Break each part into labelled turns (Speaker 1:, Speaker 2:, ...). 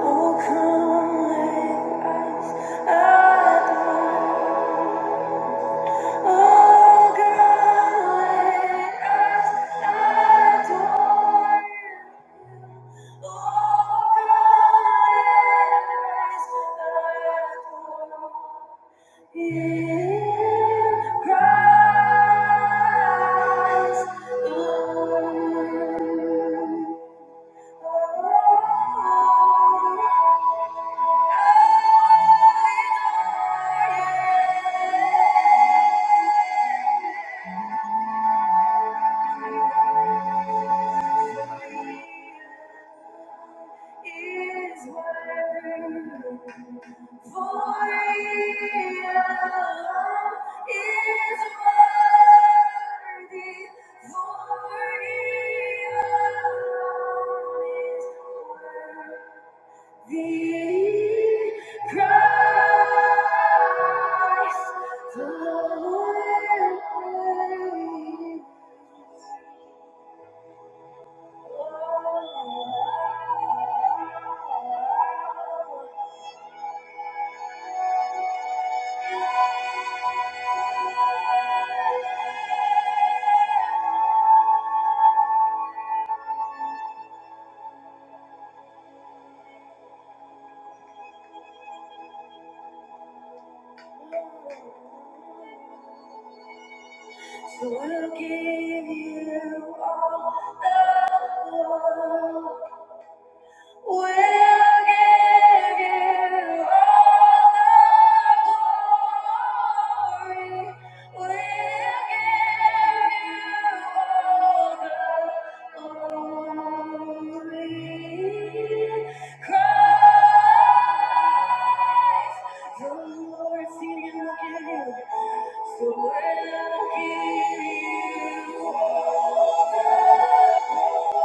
Speaker 1: Oh, come lay eyes at mine. Oh, God, lay eyes at mine. Oh, God, lay eyes at mine. In Christ alone. For He alone is worthy. The price the Lamb. So we'll give you all the love. We'll give you all the glory. We'll give you all the glory. Christ, the Lord seated and looking So we'll give you all the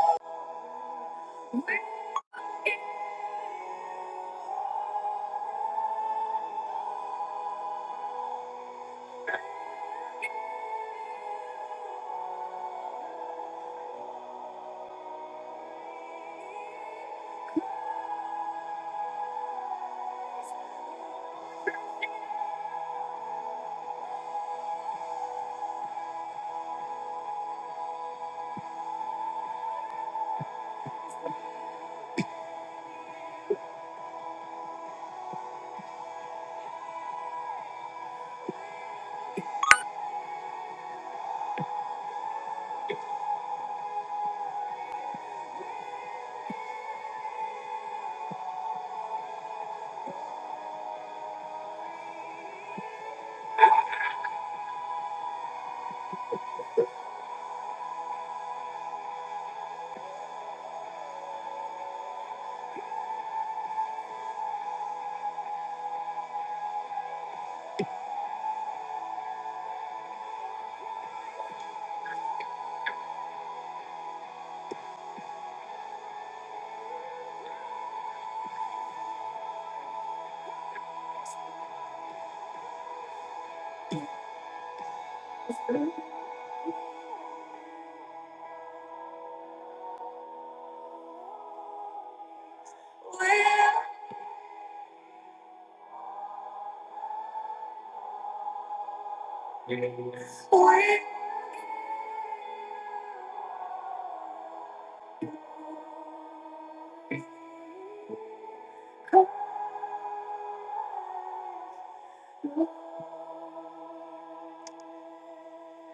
Speaker 1: glory.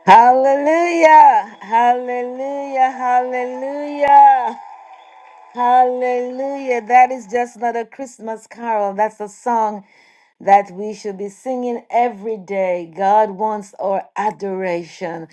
Speaker 1: Hallelujah, hallelujah, hallelujah, hallelujah. That is just not a Christmas carol. That's a song that we should be singing every day. God wants our adoration.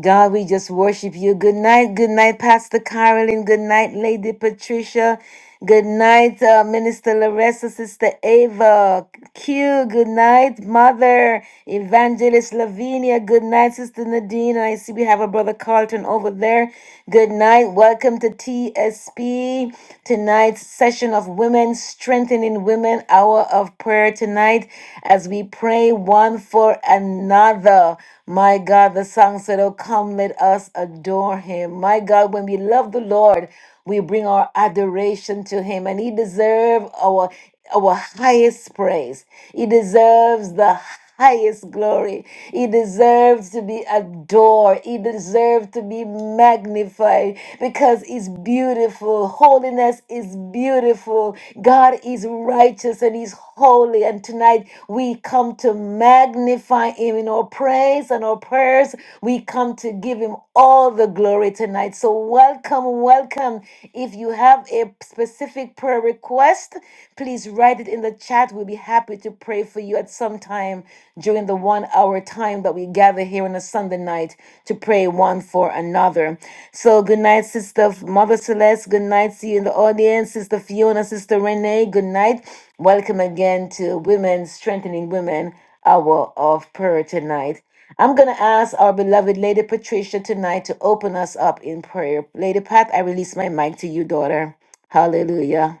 Speaker 1: God, we just worship you. Good night, good night, Pastor Carolyn. Good night, Lady Patricia. Good night, uh, Minister Larissa, Sister Ava, Q. Good night, Mother, Evangelist Lavinia. Good night, Sister Nadine. And I see we have a brother Carlton over there. Good night. Welcome to TSP. Tonight's session of Women, Strengthening Women, Hour of Prayer tonight as we pray one for another. My God, the song said, Oh, come, let us adore him. My God, when we love the Lord, we bring our adoration to him and he deserves our our highest praise. He deserves the highest glory. He deserves to be adored. He deserves to be magnified because he's beautiful. Holiness is beautiful. God is righteous and he's holy. And tonight we come to magnify him in our praise and our prayers. We come to give him all all the glory tonight. So, welcome, welcome. If you have a specific prayer request, please write it in the chat. We'll be happy to pray for you at some time during the one hour time that we gather here on a Sunday night to pray one for another. So, good night, Sister Mother Celeste. Good night to you in the audience, Sister Fiona, Sister Renee. Good night. Welcome again to Women Strengthening Women hour of prayer tonight. I'm going to ask our beloved Lady Patricia tonight to open us up in prayer. Lady Pat, I release my mic to you, daughter. Hallelujah.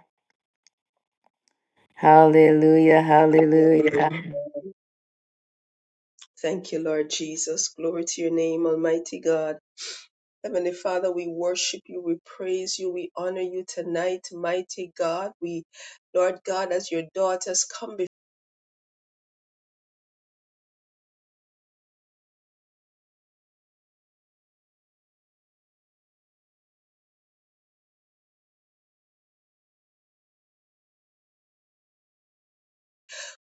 Speaker 1: Hallelujah.
Speaker 2: Yeah, praise
Speaker 1: Hallelujah.
Speaker 2: God. Thank you, Lord Jesus. Glory to your name, Almighty God. Heavenly Father, we worship you, we praise you, we honor you tonight, mighty God. We, Lord God, as your daughters come before.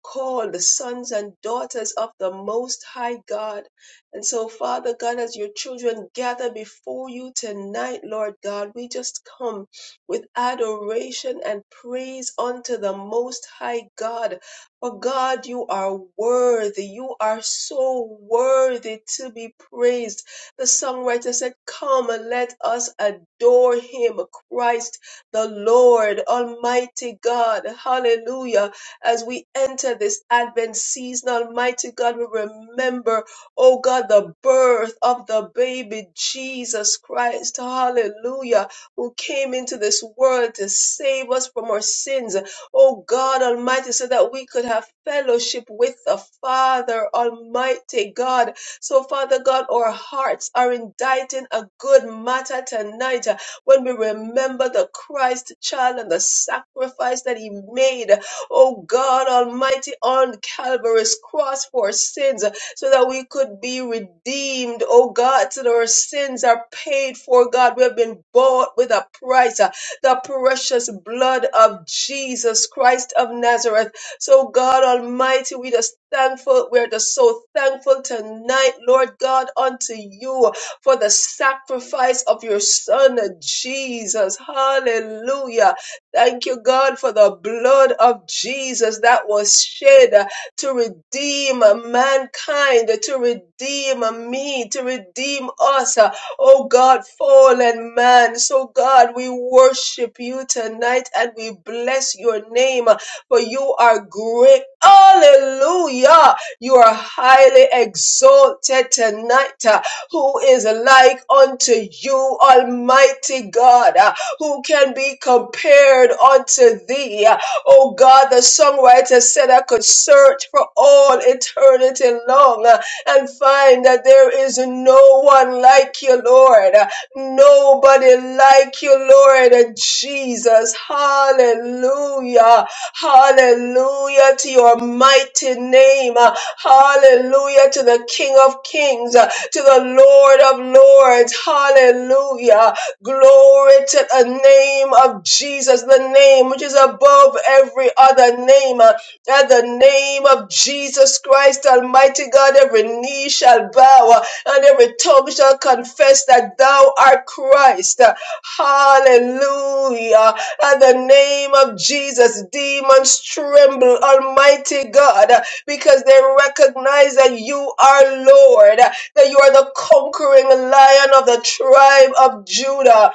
Speaker 2: called the sons and daughters of the Most High God. And so, Father God, as your children gather before you tonight, Lord God, we just come with adoration and praise unto the Most High God. For God, you are worthy. You are so worthy to be praised. The songwriter said, Come and let us adore him, Christ the Lord, Almighty God. Hallelujah as we enter this Advent season. Almighty God, we remember, oh God, the birth of the baby Jesus Christ. Hallelujah. Who came into this world to save us from our sins. Oh God Almighty, so that we could have fellowship with the Father Almighty God. So, Father God, our hearts are inditing a good matter tonight uh, when we remember the Christ child and the sacrifice that he made oh God Almighty, on Calvary's cross for sins, so that we could be redeemed, oh God, so that our sins are paid for, God. We have been bought with a price, uh, the precious blood of Jesus Christ of Nazareth. So, God Almighty, we just thankful. We're just so thankful tonight, Lord God, unto you for the sacrifice of your Son, Jesus. Hallelujah. Thank you, God, for the blood of Jesus that was shed uh, to redeem uh, mankind, uh, to redeem uh, me, to redeem us. uh, Oh God, fallen man. So, God, we worship you tonight and we bless your name, uh, for you are great. Hallelujah. You are highly exalted tonight. uh, Who is like unto you, Almighty God? Uh, who can be compared unto thee. Oh God, the songwriter said I could search for all eternity long uh, and find that there is no one like you, Lord. Nobody like you, Lord uh, Jesus. Hallelujah. Hallelujah to your mighty name. Uh, Hallelujah to the King of Kings, uh, to the Lord of Lords. Hallelujah. Glory to the name of Jesus, the name which is above every other name. Uh, At the name of Jesus Christ, Almighty God, every knee shall bow uh, and every tongue shall confess that thou art Christ. Uh, Hallelujah. At the name of Jesus, demons tremble, Almighty God, uh, because they recognize that you are Lord that you are the conquering lion of the tribe of Judah.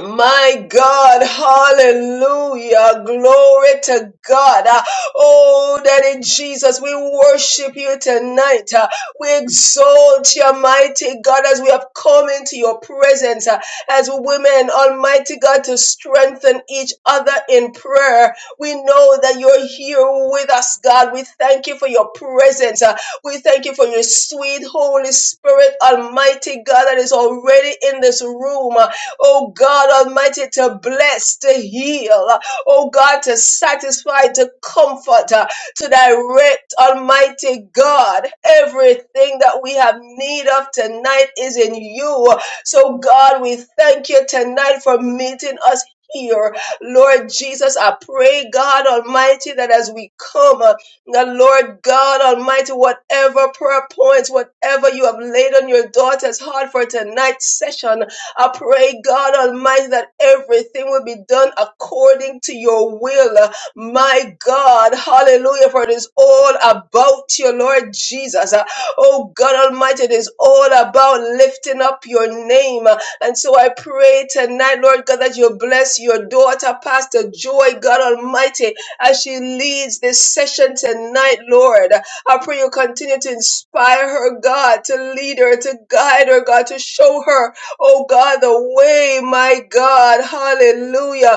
Speaker 2: My God, hallelujah, glory to God. Uh, Oh, Daddy Jesus, we worship you tonight. Uh, We exalt your mighty God as we have come into your presence uh, as women, Almighty God, to strengthen each other in prayer. We know that you're here with us, God. We thank you for your presence. Uh, We thank you for your sweet Holy Spirit, Almighty God, that is already in this room oh God Almighty, to bless, to heal, oh God, to satisfy, to comfort, uh, to direct, Almighty God. Everything that we have need of tonight is in you. So, God, we thank you tonight for meeting us. Here, Lord Jesus, I pray, God Almighty, that as we come, now, Lord God Almighty, whatever prayer points, whatever you have laid on your daughter's heart for tonight's session, I pray, God Almighty, that everything will be done according to your will. My God, hallelujah, for it is all about you, Lord Jesus. Uh, Oh God Almighty, it is all about lifting up your name. Uh, And so I pray tonight, Lord God, that you bless your daughter, Pastor Joy, God Almighty as she leads this session tonight, Lord. I pray you continue to inspire her, God, to lead her, to guide her, God, to show her, oh God, the way, my God. Hallelujah.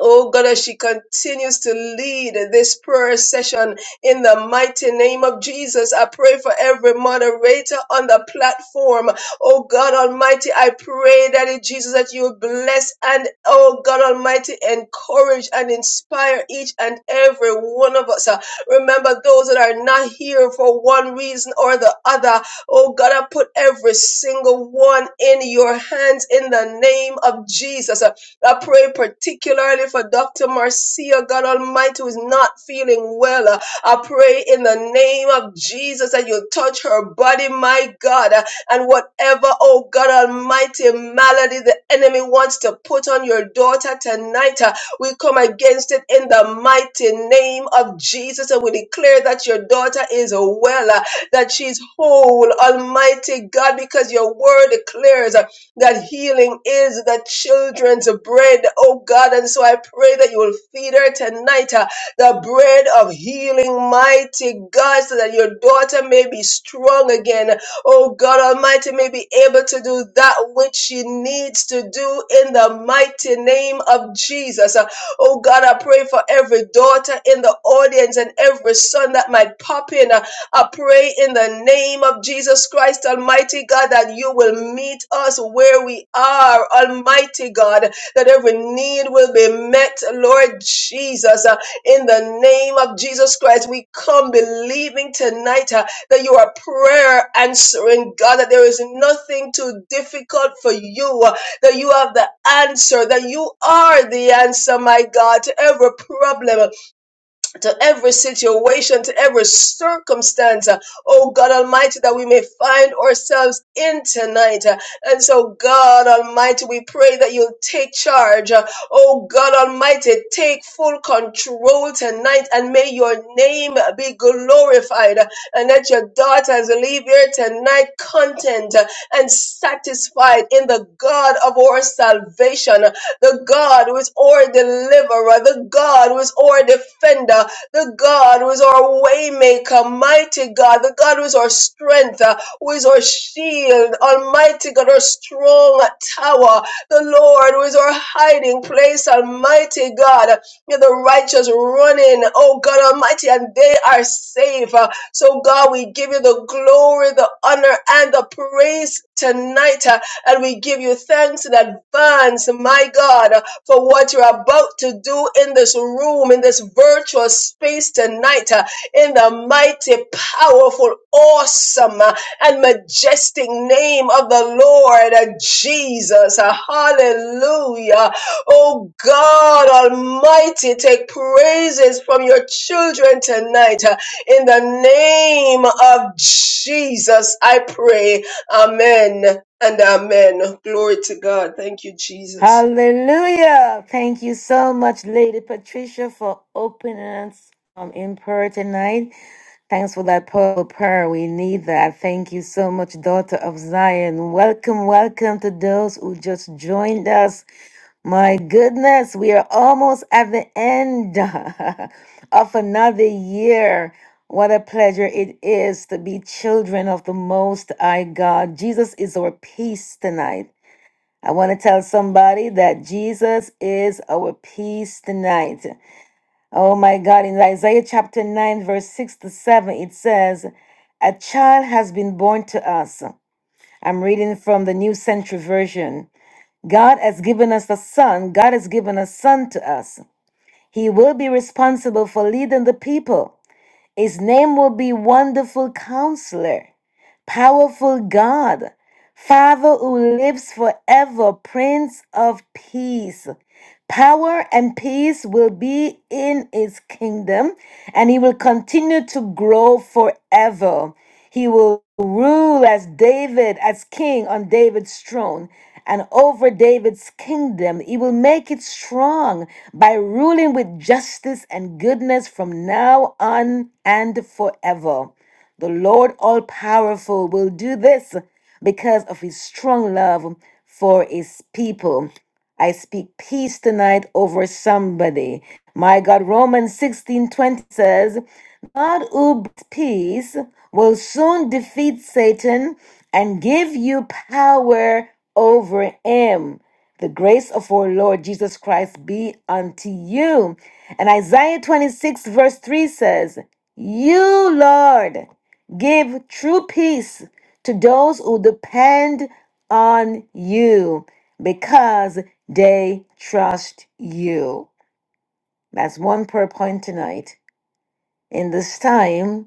Speaker 2: Oh God, as she continues to lead this prayer session in the mighty name of Jesus, I pray for every moderator on the platform. Oh God Almighty, I pray that in Jesus that you bless and oh God Almighty, encourage and inspire each and every one of us. Uh, Remember those that are not here for one reason or the other. Oh God, I put every single one in your hands in the name of Jesus. I pray particularly for Dr. Marcia, God Almighty, who is not feeling well. Uh, I pray in the name of Jesus that you touch her body, my God, Uh, and whatever, oh God Almighty, malady the enemy wants to put on your daughter tonight, uh, we come against it in the mighty name of Jesus, and we declare that your daughter is well, uh, that she's whole, Almighty God, because your word declares that healing is the children's bread, oh God. And so I pray that you will feed her tonight uh, the bread of healing, mighty God, so that your daughter may be strong again, oh God Almighty, may be able to do that which she needs to do in the mighty name of Jesus. Uh, Oh God, I pray for every daughter in the audience and every son that might pop in. uh, I pray in the name of Jesus Christ, Almighty God, that you will meet us where we are, Almighty God, that every need will be met, Lord Jesus. Uh, In the name of Jesus Christ, we come believing tonight uh, that you are prayer answering, God, that there is nothing too difficult for you, uh, that you have the answer, that you are the answer, my God, to every problem to every situation, to every circumstance, uh, oh God Almighty, that we may find ourselves in tonight. Uh, And so, God Almighty, we pray that you'll take charge. Uh, Oh God Almighty, take full control tonight and may your name be glorified. Uh, And let your daughters leave here tonight content uh, and satisfied in the God of our salvation uh, the God who is our deliverer, the God who is our defender, the God who is our waymaker, mighty God, the God who is our strength, uh, who is our shield, Almighty God, our strong tower, the Lord who is our hiding place, Almighty God. You're the righteous running, oh God Almighty, and they are safe. Uh, So, God, we give you the glory, the honor, and the praise tonight, uh, and we give you thanks in advance, my God for what you're about to do in this room, in this virtual space tonight, uh, in the mighty, powerful, awesome, uh, and majestic name of the Lord uh, Jesus. Uh, Hallelujah. Oh God Almighty, take praises from your children tonight. uh, In the name of Jesus, I pray. Amen and amen. Glory to God. Thank you, Jesus.
Speaker 1: Hallelujah. Thank you so much, Lady Patricia, for opening us um, in prayer tonight. Thanks for that powerful prayer. We need that. Thank you so much, daughter of Zion. Welcome, welcome to those who just joined us. My goodness, we are almost at the end of another year. What a pleasure it is to be children of the Most High God. Jesus is our peace tonight. I want to tell somebody that Jesus is our peace tonight. Oh my God, in Isaiah chapter 9, verse 6 to 7, it says, A child has been born to us. I'm reading from the New Century Version. God has given us a son. God has given a son to us. He will be responsible for leading the people. His name will be Wonderful Counselor. Powerful God, Father who lives forever, Prince of Peace. Power and peace will be in his kingdom, and he will continue to grow forever. He will rule as David, as king on David's throne, and over David's kingdom. He will make it strong by ruling with justice and goodness from now on and forever. The Lord all powerful will do this because of his strong love for his people. I speak peace tonight over somebody. My God, Romans 16 20 says, God who brings peace will soon defeat Satan and give you power over him. The grace of our Lord Jesus Christ be unto you. And Isaiah 26, verse 3 says, You, Lord, give true peace to those who depend on you because they trust you. That's one prayer point tonight. In this time,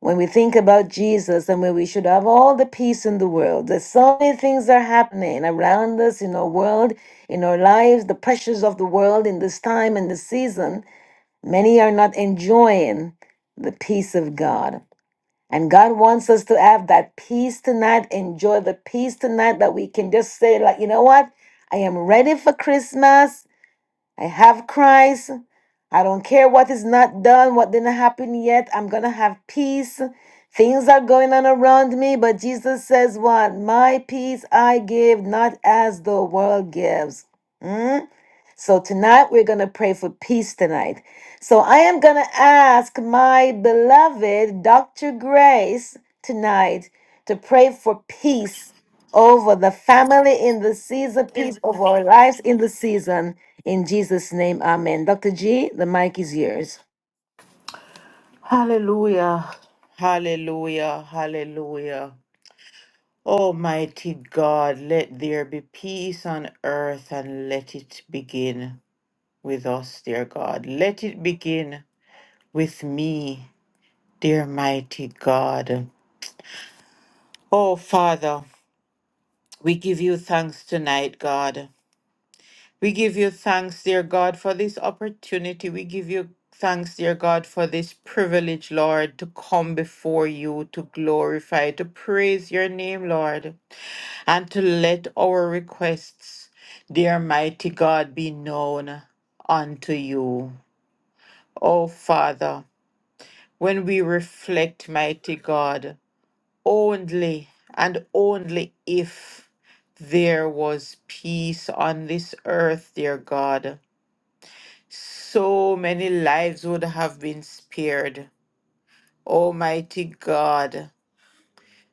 Speaker 1: when we think about Jesus and when we should have all the peace in the world, there's so many things that are happening around us in our world, in our lives, the pressures of the world in this time and this season. Many are not enjoying the peace of God. And God wants us to have that peace tonight, enjoy the peace tonight that we can just say, like, you know what? I am ready for Christmas. I have Christ. I don't care what is not done, what didn't happen yet. I'm going to have peace. Things are going on around me, but Jesus says, What? My peace I give, not as the world gives. Mm? So tonight we're going to pray for peace tonight. So I am going to ask my beloved Dr. Grace tonight to pray for peace over the family in the season, peace over our lives in the season. In Jesus' name, amen. Dr. G, the mic is yours.
Speaker 3: Hallelujah, hallelujah, hallelujah. Almighty God, let there be peace on earth and let it begin with us, dear God. Let it begin with me, dear mighty God. Oh, Father, we give you thanks tonight, God. We give you thanks, dear God, for this opportunity. We give you thanks, dear God, for this privilege, Lord, to come before you, to glorify, to praise your name, Lord, and to let our requests, dear mighty God, be known unto you. O Father, when we reflect, mighty God, only and only if there was peace on this earth, dear God. So many lives would have been spared. Almighty God,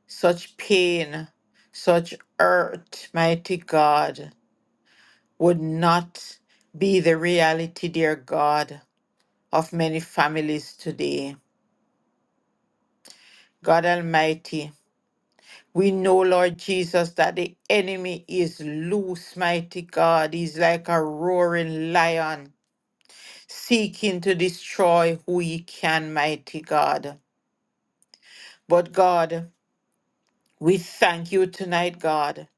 Speaker 3: such pain, such hurt, mighty God, would not be the reality, dear God, of many families today. God Almighty, we know, Lord Jesus, that the enemy is loose, mighty God. He's like a roaring lion seeking to destroy who he can, mighty God. But God, We thank you tonight, God,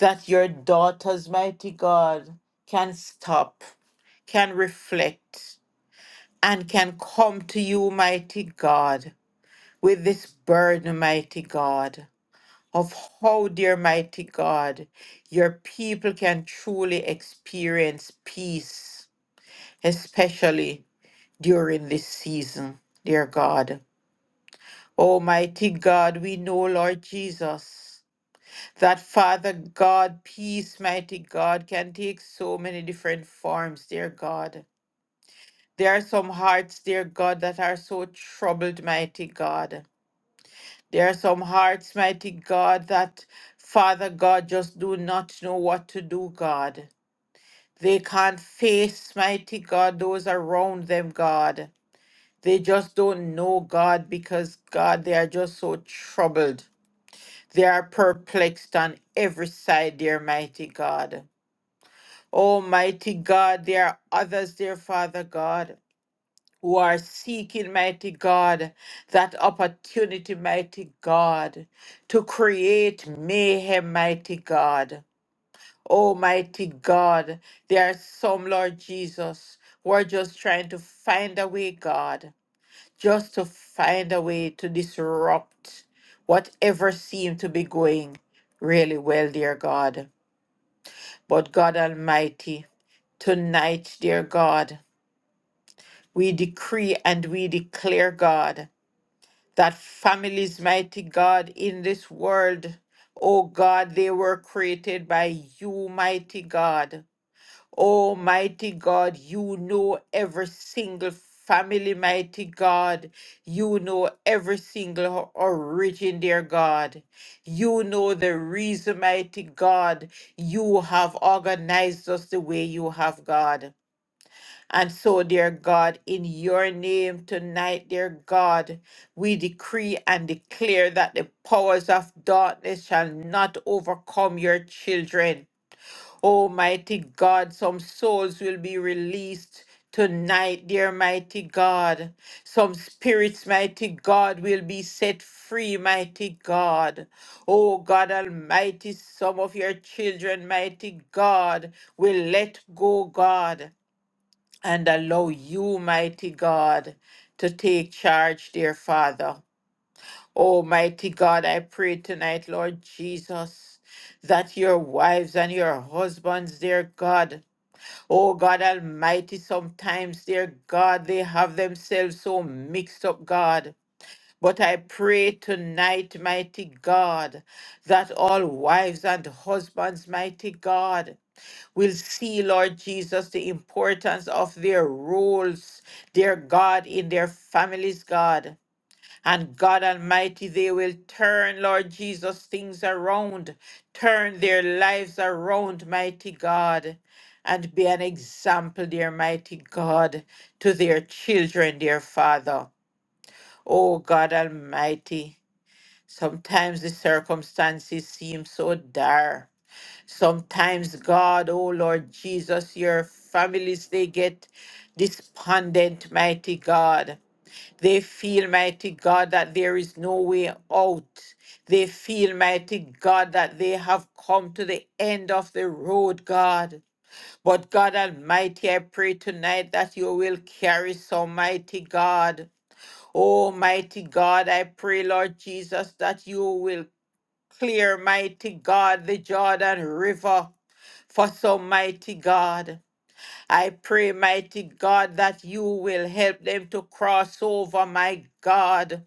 Speaker 3: that your daughters, mighty God, can stop, can reflect, and can come to you, mighty God, with this burden, mighty God, of how, dear mighty God, your people can truly experience peace, especially during this season, dear God. Almighty God, we know, Lord Jesus. that Father God, peace, mighty God, can take so many different forms, dear God. There are some hearts, dear God, that are so troubled, mighty God. There are some hearts, mighty God, that Father God just do not know what to do, God. They can't face, mighty God, those around them, God. They just don't know God because, God, they are just so troubled. They are perplexed on every side, dear mighty God. Almighty God, there are others, dear Father God, who are seeking, mighty God, that opportunity, mighty God, to create mayhem, mighty God. Almighty God, there are some, Lord Jesus, who are just trying to find a way, God, just to find a way to disrupt whatever seemed to be going really well, dear God. But God Almighty, tonight, dear God. We decree and we declare, God, that families, mighty God, in this world, oh God, they were created by you, mighty God. Oh, mighty God, you know every single family, mighty God. You know every single origin, dear God. You know the reason, mighty God, you have organized us the way you have, God. And so, dear God, in your name tonight, dear God, we decree and declare that the powers of darkness shall not overcome your children. Almighty God, some souls will be released tonight, dear mighty God. Some spirits, mighty God, will be set free, mighty God. Oh God Almighty, some of your children, mighty God, will let go, God and allow you, mighty God, to take charge, dear Father. Oh, mighty God, I pray tonight, Lord Jesus, that your wives and your husbands, dear God, oh God Almighty, sometimes, dear God, they have themselves so mixed up, God. But I pray tonight, mighty God, that all wives and husbands, mighty God, will see, Lord Jesus, the importance of their roles, their God, in their families, God. And God Almighty, they will turn, Lord Jesus, things around, turn their lives around, mighty God, and be an example, dear mighty God, to their children, dear Father. Oh God Almighty, sometimes the circumstances seem so dire. Sometimes, God, oh Lord Jesus, your families, they get despondent, mighty God. They feel, mighty God, that there is no way out. They feel, mighty God, that they have come to the end of the road, God. But God Almighty, I pray tonight that you will carry some, mighty God. Oh, mighty God, I pray, Lord Jesus, that you will clear, mighty God, the Jordan River. For so, mighty God, I pray, mighty God, that you will help them to cross over, my God.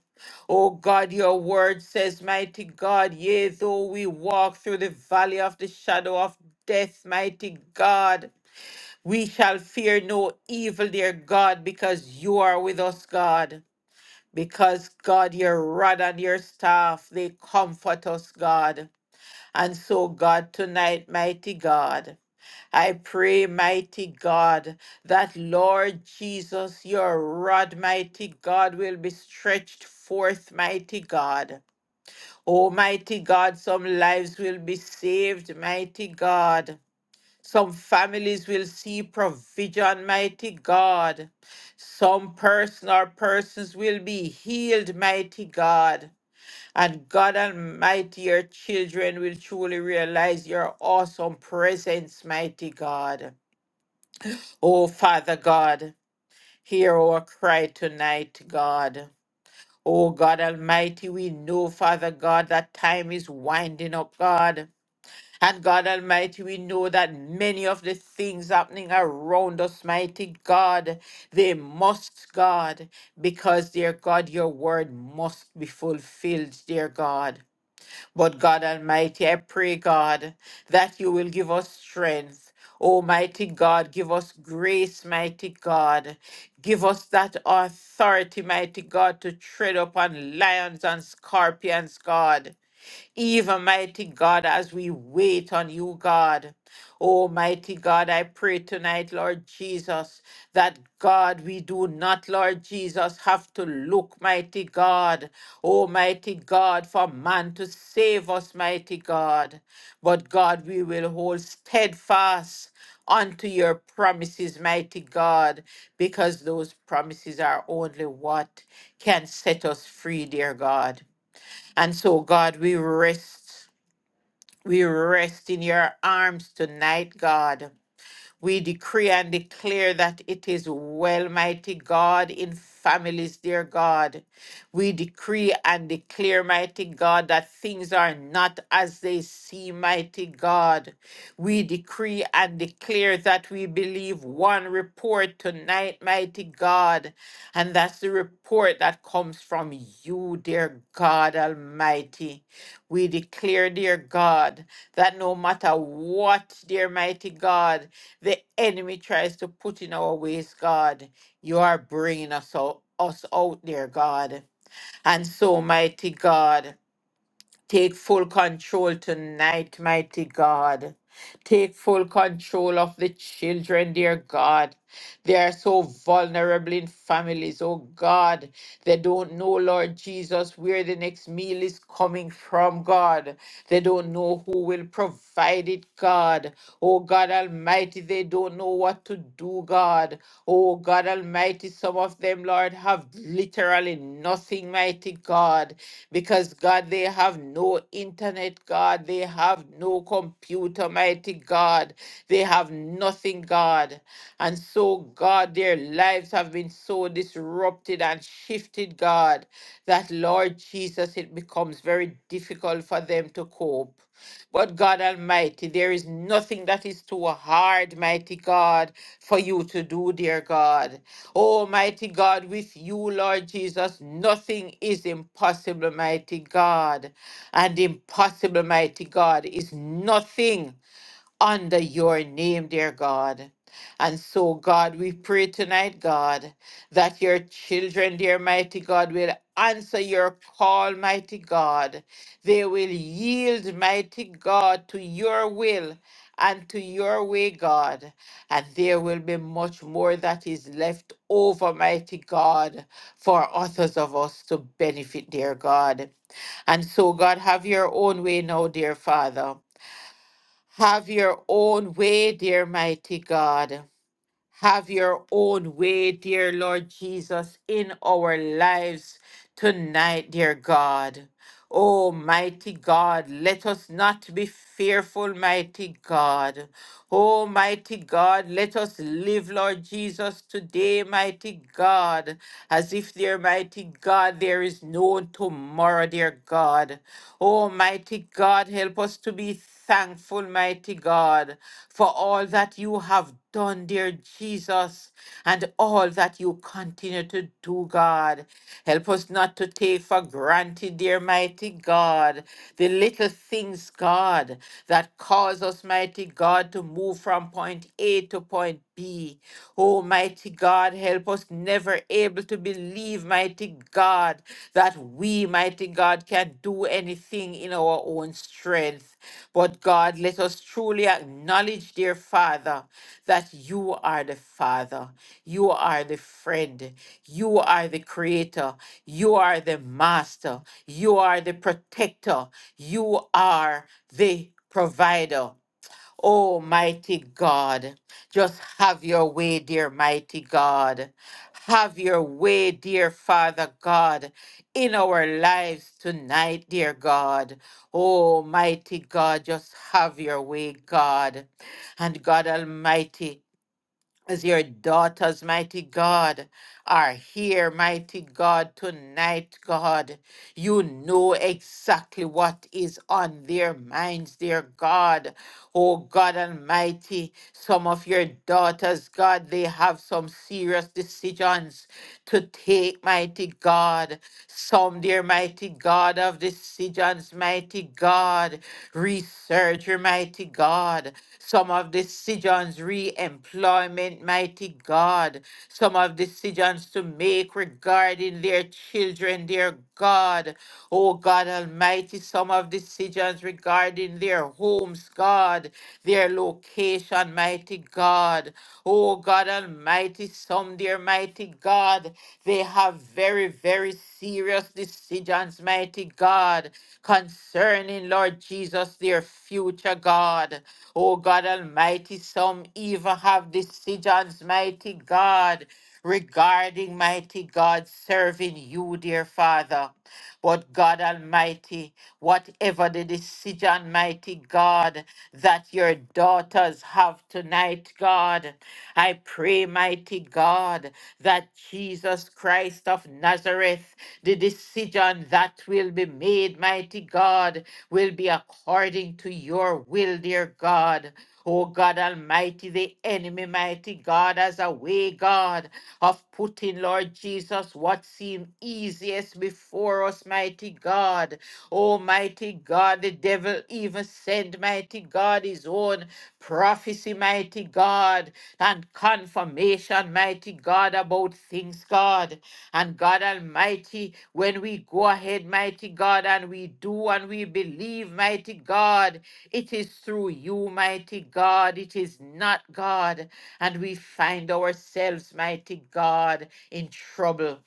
Speaker 3: Oh God, your word says, mighty God, yea, though we walk through the valley of the shadow of death, mighty God, we shall fear no evil, dear God, because you are with us, God. Because God, your rod and your staff, they comfort us, God. And so, God, tonight, mighty God. I pray, mighty God, that Lord Jesus, your rod, mighty God, will be stretched forth, mighty God. Oh, mighty God, some lives will be saved, mighty God. Some families will see provision, mighty God. Some person or persons will be healed, mighty God. And God Almighty, your children will truly realize your awesome presence, mighty God. Oh, Father God, hear our cry tonight, God. Oh, God Almighty, we know, Father God, that time is winding up, God. And God Almighty, we know that many of the things happening around us, mighty God, they must, God, because, dear God, your word must be fulfilled, dear God. But God Almighty, I pray, God, that you will give us strength. Almighty God, give us grace, mighty God. Give us that authority, mighty God, to tread upon lions and scorpions, God. Even mighty God, as we wait on you, God. Oh, mighty God, I pray tonight, Lord Jesus, that God, we do not, Lord Jesus, have to look, mighty God, oh, mighty God, for man to save us, mighty God. But God, we will hold steadfast unto your promises, mighty God, because those promises are only what can set us free, dear God. And so, God, we rest. We rest in your arms tonight, God. We decree and declare that it is well, mighty God, in families, dear God. We decree and declare, mighty God, that things are not as they seem, mighty God. We decree and declare that we believe one report tonight, mighty God, and that's the report that comes from you, dear God Almighty. We declare, dear God, that no matter what, dear mighty God, the enemy tries to put in our ways, God, you are bringing us out, us out there, God. And so, mighty God. Take full control tonight, mighty God. Take full control of the children, dear God. They are so vulnerable in families, oh God. They don't know, Lord Jesus, where the next meal is coming from, God. They don't know who will provide it, God. Oh God Almighty, they don't know what to do, God. Oh God Almighty, some of them, Lord, have literally nothing, mighty God because God, they have no internet, God, they have no computer, mighty God, they have nothing, God. And so, God, their lives have been so disrupted and shifted, God, that Lord Jesus, it becomes very difficult for them to cope. But God Almighty, there is nothing that is too hard, mighty God, for you to do, dear God. Almighty God, with you, Lord Jesus, nothing is impossible, mighty God. And impossible, mighty God, is nothing under your name, dear God. And so, God, we pray tonight, God, that your children, dear mighty God, will answer your call, mighty God. They will yield, mighty God, to your will and to your way, God. And there will be much more that is left over, mighty God, for others of us to benefit, dear God. And so, God, have your own way now, dear Father. Have your own way, dear mighty God. Have your own way, dear Lord Jesus, in our lives tonight, dear God. Oh, mighty God, let us not be fearful, mighty God. Oh, mighty God, let us live, Lord Jesus, today, mighty God, as if, dear mighty God, there is no tomorrow, dear God. Oh, mighty God, help us to be thankful, mighty God, for all that you have done, dear Jesus, and all that you continue to do, God. Help us not to take for granted, dear mighty God, the little things, God, that cause us, mighty God, to move from point A to point B. Oh, mighty God, help us never able to believe, mighty God, that we, mighty God, can do anything in our own strength. But God, let us truly acknowledge, dear Father, that you are the Father, you are the friend, you are the creator. You are the master. You are the protector. You are the provider. Oh, mighty God, just have your way, dear mighty God. Have your way, dear Father God, in our lives tonight, dear God. Oh, mighty God, just have your way, God. And God Almighty, as your daughters, mighty God, are here, mighty God, tonight, God. You know exactly what is on their minds, dear God. Oh, God Almighty, some of your daughters, God, they have some serious decisions to take, mighty God. Some, dear mighty God, of decisions, mighty God. research, your mighty God. Some of decisions, re-employment, mighty God. Some of decisions to make regarding their children, dear God. Oh God Almighty, some of decisions regarding their homes, God, their location, mighty God. Oh God Almighty, some, dear mighty God, they have very, very serious decisions, mighty God, concerning, Lord Jesus, their future, God. Oh God Almighty, some even have decisions, mighty God, regarding mighty God serving you, dear Father. But God Almighty, whatever the decision, mighty God, that your daughters have tonight, God, I pray, mighty God, that Jesus Christ of Nazareth, the decision that will be made, mighty God, will be according to your will, dear God. Oh God Almighty, the enemy, mighty God, as a way, God, of putting, Lord Jesus, what seemed easiest before us, mighty God. Oh mighty God, the devil even sent, mighty God, his own prophecy, mighty God, and confirmation, mighty God, about things, God. And God Almighty, when we go ahead, mighty God, and we do and we believe, mighty God, it is through you, mighty God. It is not God. And we find ourselves, mighty God, in trouble.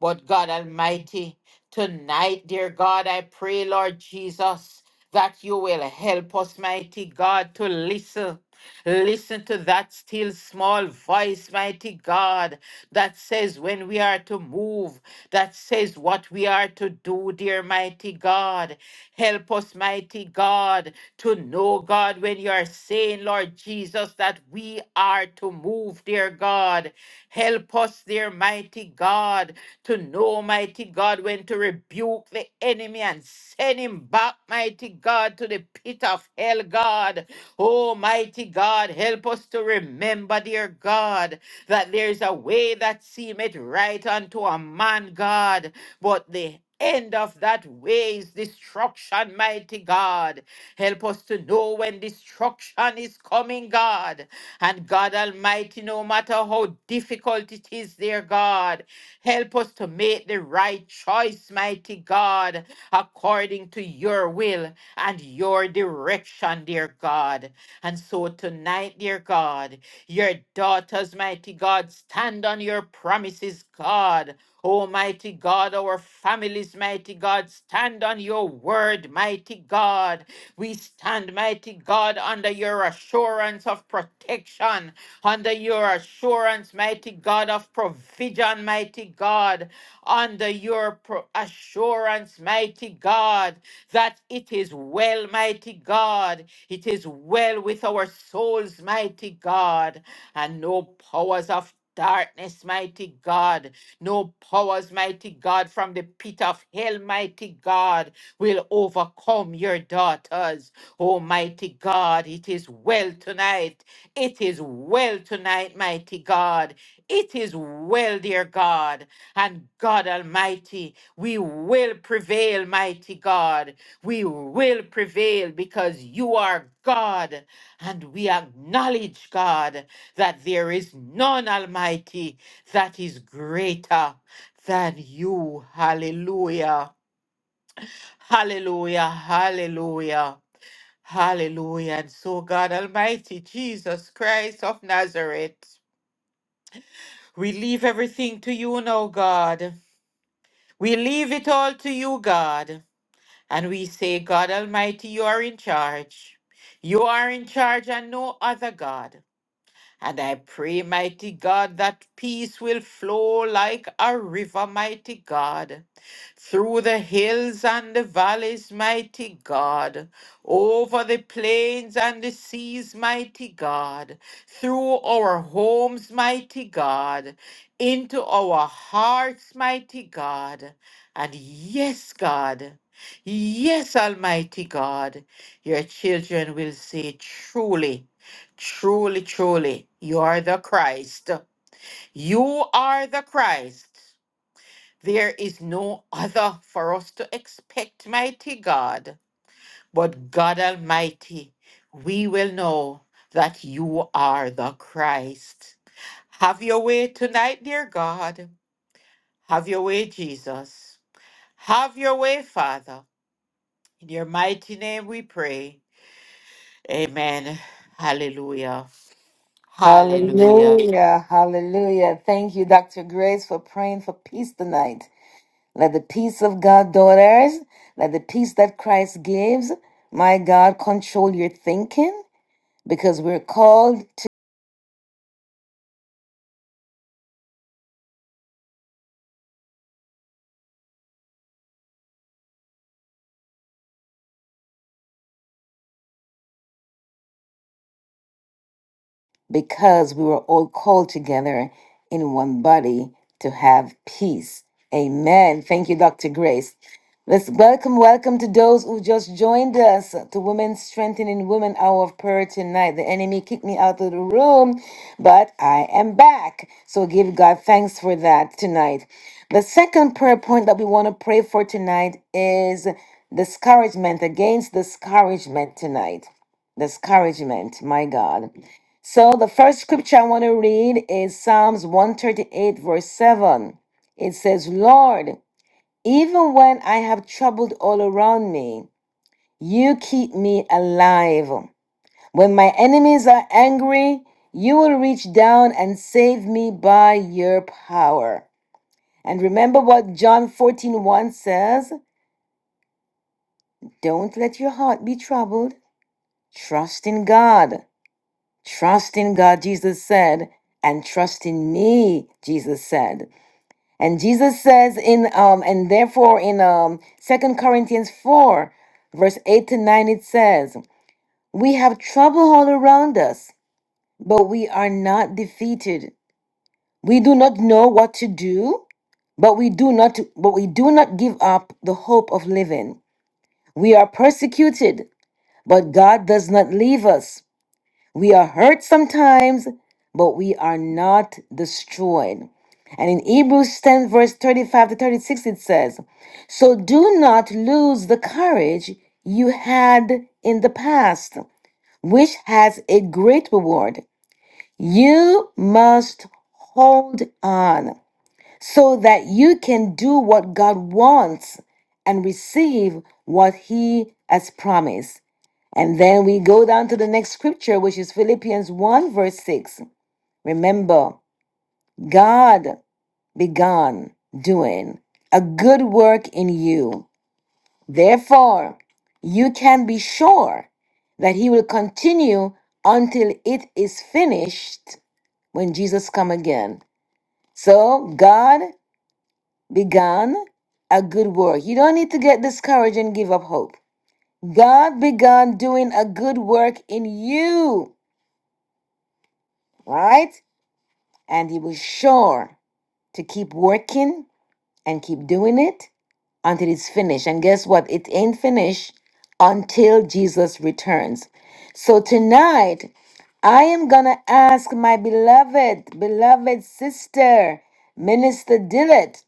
Speaker 3: But God Almighty, tonight, dear God, I pray, Lord Jesus, that you will help us, mighty God, to listen. Listen to that still small voice, mighty God, that says when we are to move, that says what we are to do, dear mighty God. Help us, mighty God, to know, God, when you are saying, Lord Jesus, that we are heart to move, dear God. Help us, dear mighty God, to know, mighty God, when to rebuke the enemy and send him back, mighty God, to the pit of hell, God. Oh, mighty God, help us to remember, dear God, that there is a way that seemeth right unto a man, God, but the end of that way is destruction, mighty God. Help us to know when destruction is coming, God. And God Almighty, no matter how difficult it is, dear God, help us to make the right choice, mighty God, according to your will and your direction, dear God. And so tonight, dear God, your daughters, mighty God, stand on your promises, God. Almighty God, our families, mighty God, stand on your word, mighty God. We stand, mighty God, under your assurance of protection, under your assurance, mighty God, of provision, mighty God, under your pro- assurance, mighty God, that it is well, mighty God, it is well with our souls, mighty God, and no powers of darkness, mighty God, no powers, mighty God, from the pit of hell, mighty God, will overcome your daughters. Almighty God, it is well tonight. It is well tonight, mighty God. It is well, dear God. And God Almighty, we will prevail, mighty God. We will prevail because you are God. And we acknowledge, God, that there is none, Almighty, that is greater than you. Hallelujah. Hallelujah, hallelujah, hallelujah. And so, God Almighty, Jesus Christ of Nazareth, we leave everything to you now, God. We leave it all to you, God. And we say, God Almighty, you are in charge. You are in charge and no other God. And I pray, mighty God, that peace will flow like a river, mighty God, through the hills and the valleys, mighty God, over the plains and the seas, mighty God, through our homes, mighty God, into our hearts, mighty God. And yes, God, yes, Almighty God, your children will say, truly. Truly, truly, you are the Christ. You are the Christ. There is no other for us to expect, mighty God, but God Almighty. We will know that you are the Christ. Have your way tonight, dear God. Have your way, Jesus. Have your way, Father. In your mighty name we pray. Amen. Hallelujah. Hallelujah.
Speaker 1: Hallelujah. Hallelujah. Thank you, Dr. Grace, for praying for peace tonight. Let the peace of God, daughters, let the peace that Christ gives, my God, control your thinking because we're called because we were all called together in one body to have peace. Amen. Thank you, Dr. Grace. Let's welcome, welcome to those who just joined us to Women Strengthening Women Hour of Prayer tonight. The enemy kicked me out of the room, but I am back. So give God thanks for that tonight. The second prayer point that we want to pray for tonight is discouragement, against discouragement tonight discouragement, my God. So the first scripture I want to read is Psalms 138, verse 7. It says, Lord, even when I have troubled all around me, you keep me alive. When my enemies are angry, you will reach down and save me by your power. And remember what John fourteen one says Don't let your heart be troubled. Trust in God. Trust in God, Jesus said, and trust in me, Jesus said. And Jesus says in um and therefore in um Second Corinthians 4, verse 8 to 9, it says, We have trouble all around us, but we are not defeated. We do not know what to do, but we do not but we do not give up the hope of living. We are persecuted, but God does not leave us. We are hurt sometimes, but we are not destroyed. And in Hebrews 10, verse 35 to 36, it says, So do not lose the courage you had in the past, which has a great reward. You must hold on so that you can do what God wants and receive what He has promised. And then we go down to the next scripture, which is Philippians 1, verse 6. Remember, God began doing a good work in you. Therefore, you can be sure that He will continue until it is finished when Jesus come again. So God began a good work. You don't need to get discouraged and give up hope. God began doing a good work in you All right. And he was sure to keep working and keep doing it until it's finished. And guess what? It ain't finished until Jesus returns. So tonight, I am going to ask my beloved, beloved sister, Minister Dillett,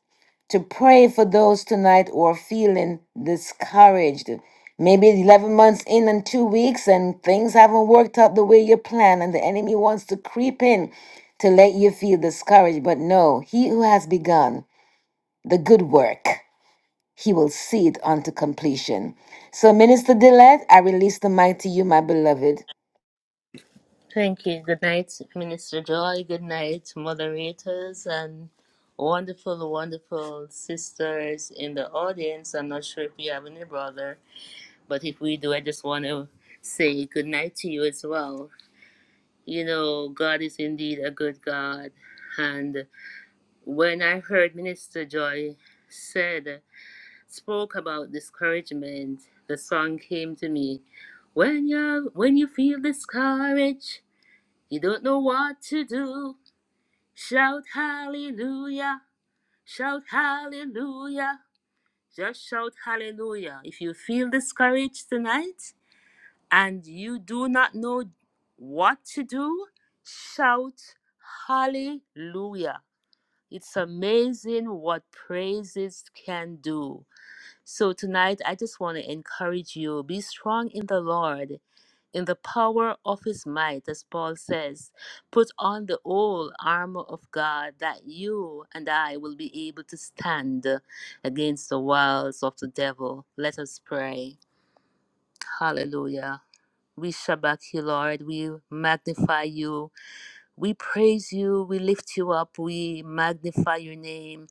Speaker 1: to pray for those tonight who are feeling discouraged. Maybe 11 months in and two weeks, and things haven't worked out the way you plan, and the enemy wants to creep in to let you feel discouraged. But no, he who has begun the good work. He will see it unto completion. So, Minister Dillette, I release the mic to you, my beloved.
Speaker 4: Thank you. Good night, Minister Joy. Good night, moderators, and wonderful, wonderful sisters in the audience. I'm not sure if we have any brother, but if we do, I just want to say good night to you as well. You know, God is indeed a good God. And when I heard Minister Joy said, spoke about discouragement, the song came to me. When you when you feel discouraged, you don't know what to do. Shout hallelujah. Shout hallelujah. Just shout hallelujah. If you feel discouraged tonight and you do not know what to do, shout hallelujah. It's amazing what praises can do. So tonight, I just want to encourage you be strong in the Lord, in the power of his might, as Paul says. Put on the whole armor of God that you and I will be able to stand against the wiles of the devil. Let us pray. Hallelujah. We shabak you, Lord. We magnify you. We praise you, we lift you up, we magnify your name.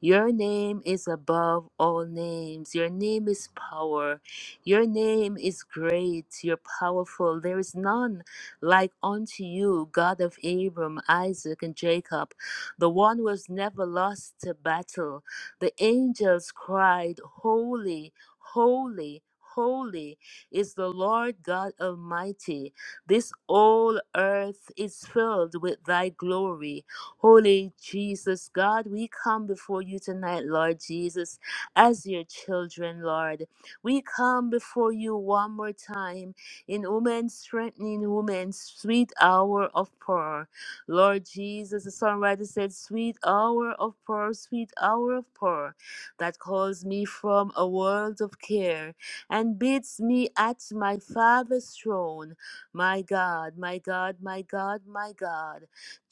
Speaker 4: Your name is above all names. Your name is power. Your name is great. You're powerful. There is none like unto you, God of Abram, Isaac, and Jacob, the one who has never lost a battle. The angels cried, Holy, holy, holy is the Lord God Almighty. This whole earth is filled with thy glory. Holy Jesus, God, we come before you tonight, Lord Jesus, as your children, Lord. We come before you one more time in woman's strengthening, woman's sweet hour of prayer. Lord Jesus, the songwriter said, Sweet hour of prayer, sweet hour of prayer, that calls me from a world of care and bids me at my Father's throne. My God, my God, my God, my God.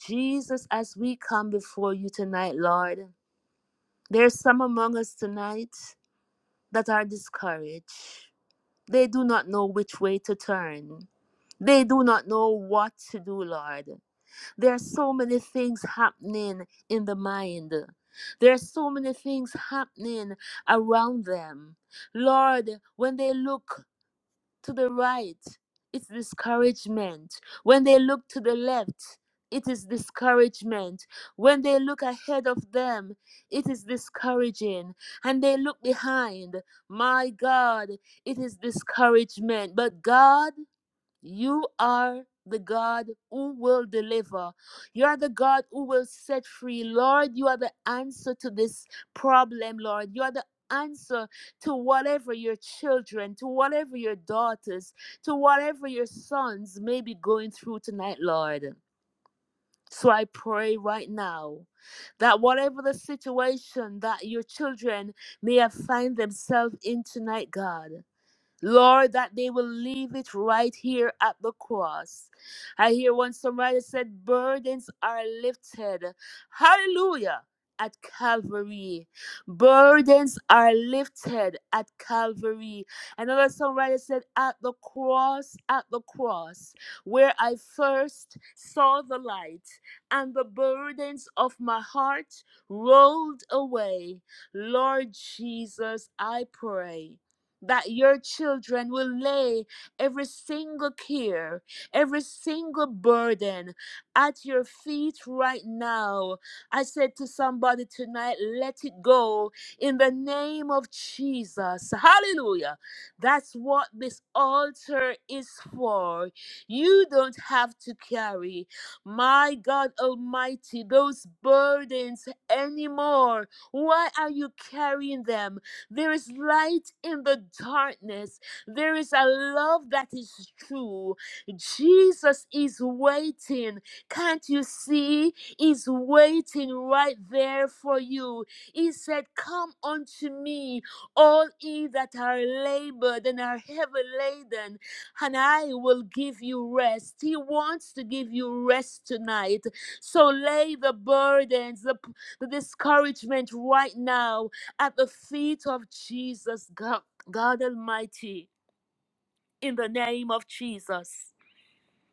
Speaker 4: Jesus, as we come before you tonight, Lord, there's some among us tonight that are discouraged. They do not know which way to turn. They do not know what to do, Lord. There are so many things happening in the mind. There are so many things happening around them. Lord, when they look to the right, it's discouragement. When they look to the left, it is discouragement. When they look ahead of them, it is discouraging. And they look behind, my God, it is discouragement. But God, you are the God who will deliver. You are the God who will set free. Lord, you are the answer to this problem, Lord. You are the answer to whatever your children, to whatever your daughters, to whatever your sons may be going through tonight, Lord. So I pray right now that whatever the situation that your children may have find themselves in tonight, God, Lord, that they will leave it right here at the cross. I hear one songwriter said, Burdens are lifted. Hallelujah. At Calvary. Burdens are lifted at Calvary. Another songwriter said, At the cross, at the cross, where I first saw the light, and the burdens of my heart rolled away. Lord Jesus, I pray that your children will lay every single care, every single burden at your feet right now. I said to somebody tonight, let it go in the name of Jesus. Hallelujah. That's what this altar is for. You don't have to carry, my God Almighty, those burdens anymore. Why are you carrying them? There is light in the darkness. There is a love that is true. Jesus is waiting. Can't you see? He's waiting right there for you. He said, Come unto me, all ye that are labored and are heavy laden, and I will give you rest. He wants to give you rest tonight. So lay the burdens, the, the discouragement right now at the feet of Jesus, God, God Almighty, in the name of Jesus.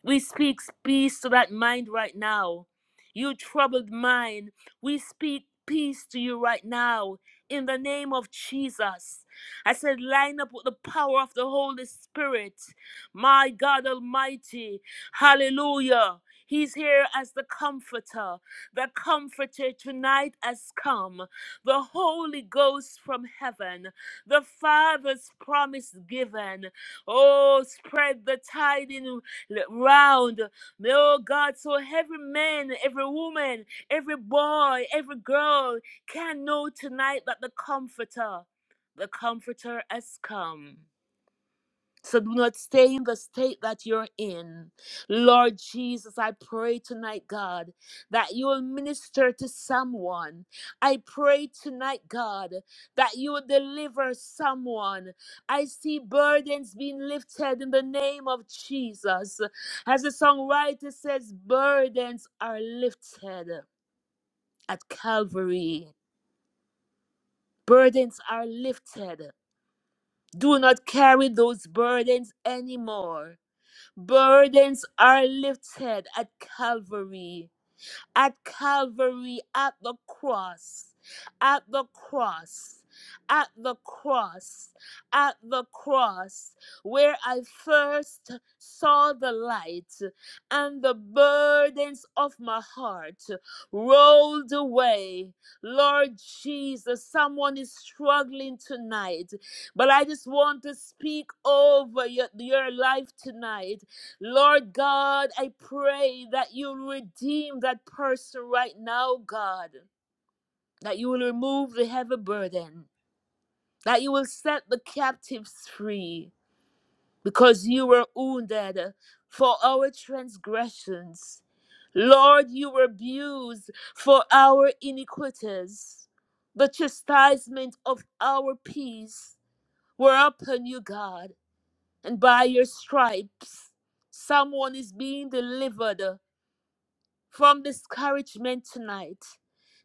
Speaker 4: We speak peace to that mind right now. You troubled mind, we speak peace to you right now in the name of Jesus. I said, line up with the power of the Holy Spirit. My God Almighty, hallelujah. He's here as the comforter. The comforter tonight has come. The Holy Ghost from heaven. The Father's promise given. Oh, spread the tidings round. May, oh God, so every man, every woman, every boy, every girl can know tonight that the Comforter, the Comforter has come. So do not stay in the state that you're in. Lord Jesus, I pray tonight, God, that you will minister to someone. I pray tonight, God, that you will deliver someone. I see burdens being lifted in the name of Jesus. As the songwriter says, burdens are lifted at Calvary. Burdens are lifted. Do not carry those burdens anymore. Burdens are lifted at Calvary, at Calvary, at the cross, at the cross, at the cross, at the cross, where I first saw the light and the burdens of my heart rolled away. Lord Jesus, someone is struggling tonight, but I just want to speak over your, your life tonight Lord God, I pray that you'll redeem that person right now, God, that you will remove the heavy burden, that you will set the captives free, because you were wounded for our transgressions. Lord, you were abused for our iniquities. The chastisement of our peace were upon you, God, and by your stripes, someone is being delivered from discouragement tonight.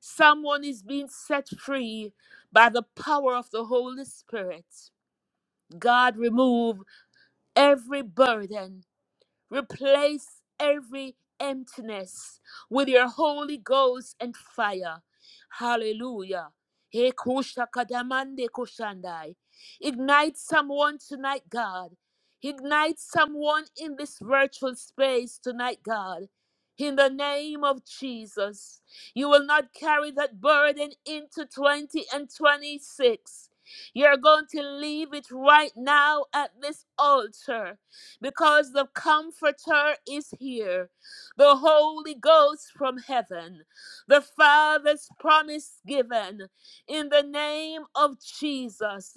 Speaker 4: Someone is being set free by the power of the Holy Spirit. God, remove every burden Replace every emptiness with your Holy Ghost and fire. Hallelujah. Hey, kusha kadamande kushandai. Ignite someone tonight, God. Ignite someone in this virtual space tonight, God. In the name of Jesus, you will not carry that burden into 20 and 26. You're going to leave it right now at this altar because the Comforter is here, the Holy Ghost from heaven, the Father's promise given in the name of Jesus.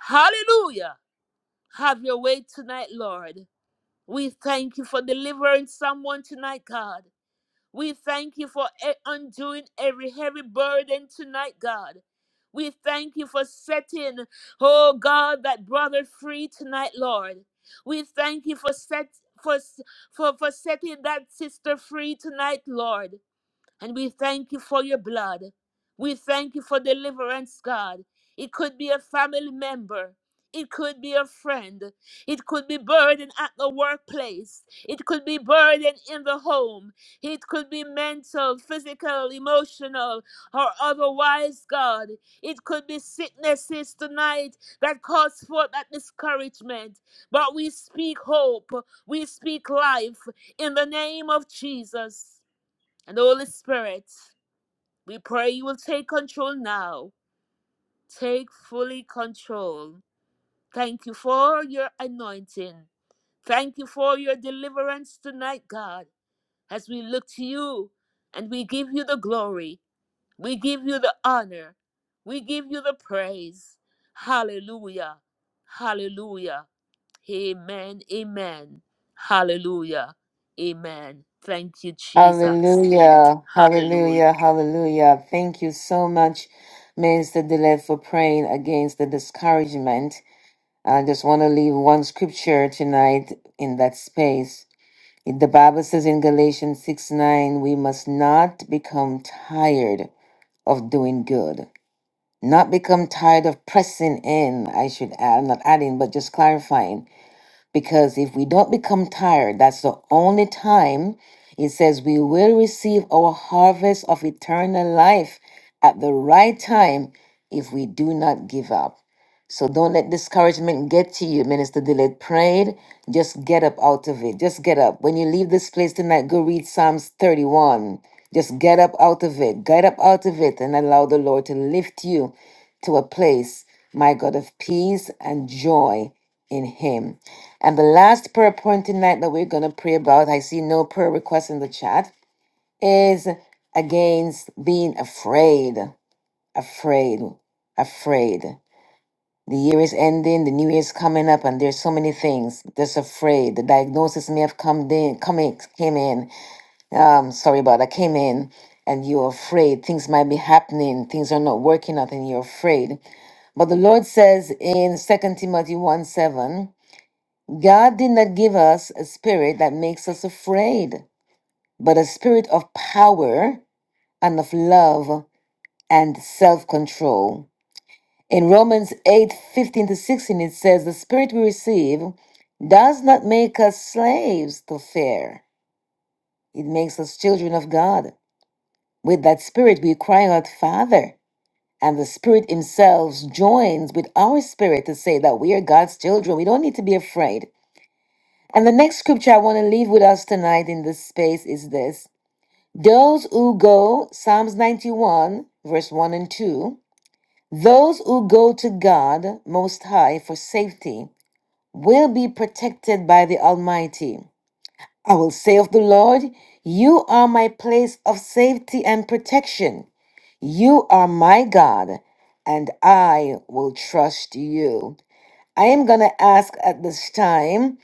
Speaker 4: Hallelujah. Have your way tonight, Lord. We thank you for delivering someone tonight, God. We thank you for e- undoing every heavy burden tonight, God. We thank you for setting, oh God, that brother free tonight, Lord. We thank you for set for s- for, for setting that sister free tonight, Lord. And we thank you for your blood. We thank you for deliverance, God. It could be a family member. It could be a friend. It could be burden at the workplace. It could be burden in the home. It could be mental, physical, emotional, or otherwise, God. It could be sicknesses tonight that cause forth that discouragement. But we speak hope. We speak life in the name of Jesus. And Holy Spirit, we pray you will take control now. Take fully control. Thank you for your anointing. Thank you for your deliverance tonight, God, as we look to you and we give you the glory. We give you the honor. We give you the praise. Hallelujah. Hallelujah. Amen. Amen. Hallelujah. Amen. Thank you, Jesus.
Speaker 1: Hallelujah,
Speaker 4: Hallelujah.
Speaker 1: hallelujah, hallelujah. Thank you so much, Minister Dillette, for praying against the discouragement. I just want to leave one scripture tonight in that space. The Bible says in Galatians 6 9, we must not become tired of doing good. Not become tired of pressing in, I should add, not adding, but just clarifying. Because if we don't become tired, that's the only time it says we will receive our harvest of eternal life at the right time if we do not give up. So don't let discouragement get to you. Minister Dillard prayed. Just get up out of it. Just get up. When you leave this place tonight, go read Psalms 31. Just get up out of it. Get up out of it and allow the Lord to lift you to a place, my God, of peace and joy in Him. And the last prayer point tonight that we're going to pray about, I see no prayer requests in the chat, is against being afraid, afraid, afraid. The year is ending, the new year is coming up, and there's so many things. Just afraid. The diagnosis may have come in, come in, came in. Um, sorry about that, came in, and you're afraid. Things might be happening, things are not working out, and you're afraid. But the Lord says in Second Timothy 1 7, God did not give us a spirit that makes us afraid, but a spirit of power and of love and self control. In Romans 8 15 to 16, it says, The spirit we receive does not make us slaves to fear, it makes us children of God. With that spirit, we cry out, Father. And the Spirit Himself joins with our spirit to say that we are God's children. We don't need to be afraid. And the next scripture I want to leave with us tonight in this space is this Those who go, Psalms 91, verse 1 and 2, those who go to God Most High for safety will be protected by the Almighty. I will say of the Lord, You are my place of safety and protection. You are my God, and I will trust you. I am going to ask at this time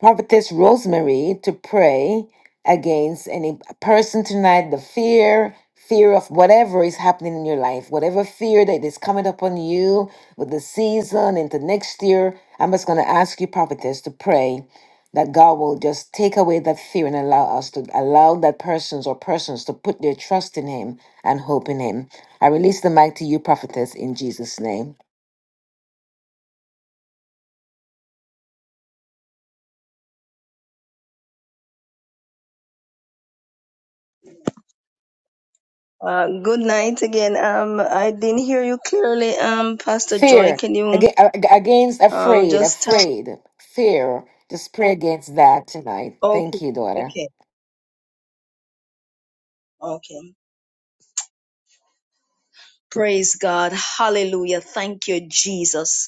Speaker 1: Prophetess Rosemary to pray against any person tonight, the fear, fear of whatever is happening in your life, whatever fear that is coming upon you with the season into next year. I'm just going to ask you, Prophetess, to pray that God will just take away that fear and allow us to allow that persons or persons to put their trust in Him and hope in Him. I release the mic to you, Prophetess, in Jesus' name.
Speaker 5: Uh, good night again. Um, I didn't hear you clearly. Um, Pastor Joy,
Speaker 1: Fear
Speaker 5: can you
Speaker 1: ag- ag- against
Speaker 5: um
Speaker 1: afraid,
Speaker 5: just tell?
Speaker 1: afraid, fear. Just pray against that tonight. Thank
Speaker 5: Okay,
Speaker 1: you, daughter.
Speaker 5: okay, okay. Praise God. Hallelujah. Thank you, Jesus.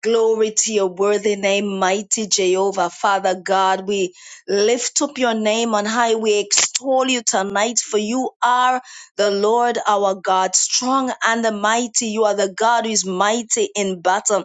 Speaker 5: Glory to your worthy name, mighty Jehovah. Father God, we lift up your name on high. We extol you tonight, for you are the Lord our God, strong and the mighty. You are the God who is mighty in battle.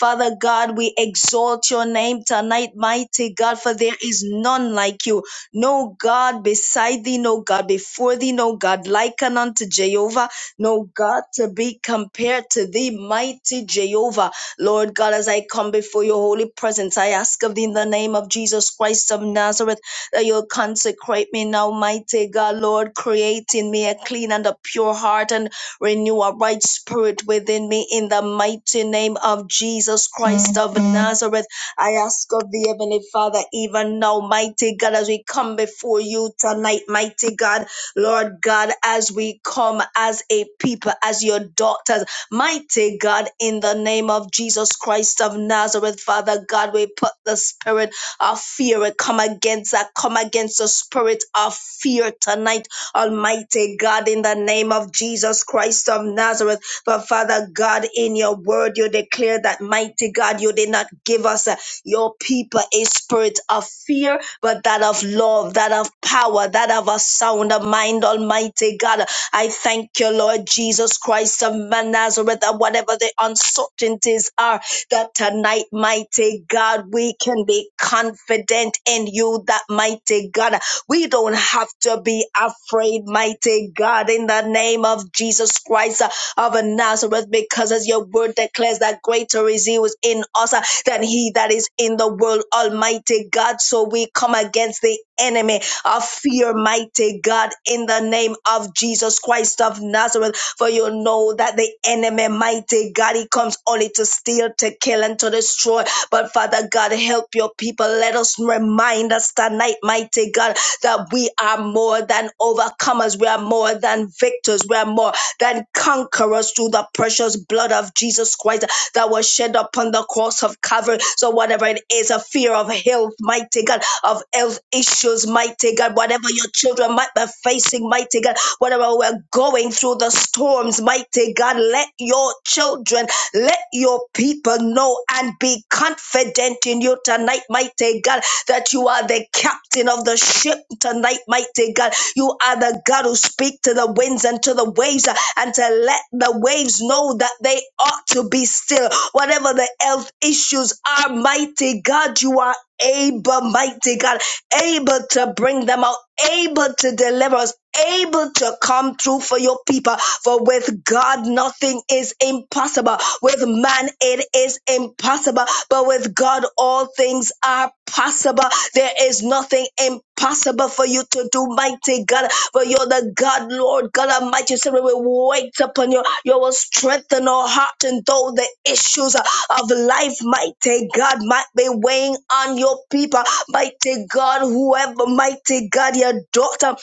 Speaker 5: Father God, we exalt your name tonight, mighty God, for there is none like you. No God beside thee, no God before thee, no God like unto Jehovah, no God to be compared to thee, mighty Jehovah. Lord God, as I come before your holy presence, I ask of thee in the name of Jesus Christ of Nazareth that you'll consecrate me now, mighty God, Lord, create in me a clean and a pure heart and renew a right spirit within me in the mighty name of Jesus Christ of Nazareth. I ask of thee, Heavenly Father, even now, mighty God, as we come before you tonight, mighty God, Lord God, as we come as a people, as your daughters. Mighty God, in the name of Jesus Christ of Nazareth, Father God, we put the spirit of fear. We come against that. Come against the spirit of fear tonight, Almighty God, in the name of Jesus Christ of Nazareth. But Father God, in your word, you declare that, mighty God, you did not give us uh, your people a spirit of fear, but that of love, that of power, that of a sound mind, Almighty God. I thank you, Lord Jesus Christ of Nazareth, that whatever the uncertainties are, that tonight, mighty God, we can be confident in you, that mighty God. We don't have to be afraid, mighty God, in the name of Jesus Christ uh, of Nazareth, because as your word declares that greater is he who is in us uh, than he that is in the world, Almighty God. So we come against the enemy of fear, mighty God, in the name of Jesus Christ of of Nazareth, for you know that the enemy, mighty God, he comes only to steal, to kill, and to destroy. But Father God, help your people. Let us remind us tonight, mighty God, that we are more than overcomers. We are more than victors. We are more than conquerors through the precious blood of Jesus Christ that was shed upon the cross of Calvary. So, whatever it is, a fear of health, mighty God, of health issues, mighty God, whatever your children might be facing, mighty God, whatever we're going through the storms, mighty God, let your children, let your people know and be confident in you tonight, mighty God, that you are the captain of the ship tonight, mighty God. You are the God who speak to the winds and to the waves uh, and to let the waves know that they ought to be still. Whatever the health issues are, mighty God, you are able, mighty God, able to bring them out, able to deliver us, able to come through for your people. For with God, nothing is impossible. With man, it is impossible. But with God, all things are possible. There is nothing impossible for you to do, mighty God. For you're the God, Lord God Almighty. So we will wait upon you. You will strengthen our heart. And though the issues of life, mighty God, might be weighing on your people, mighty God, whoever, mighty God, your daughter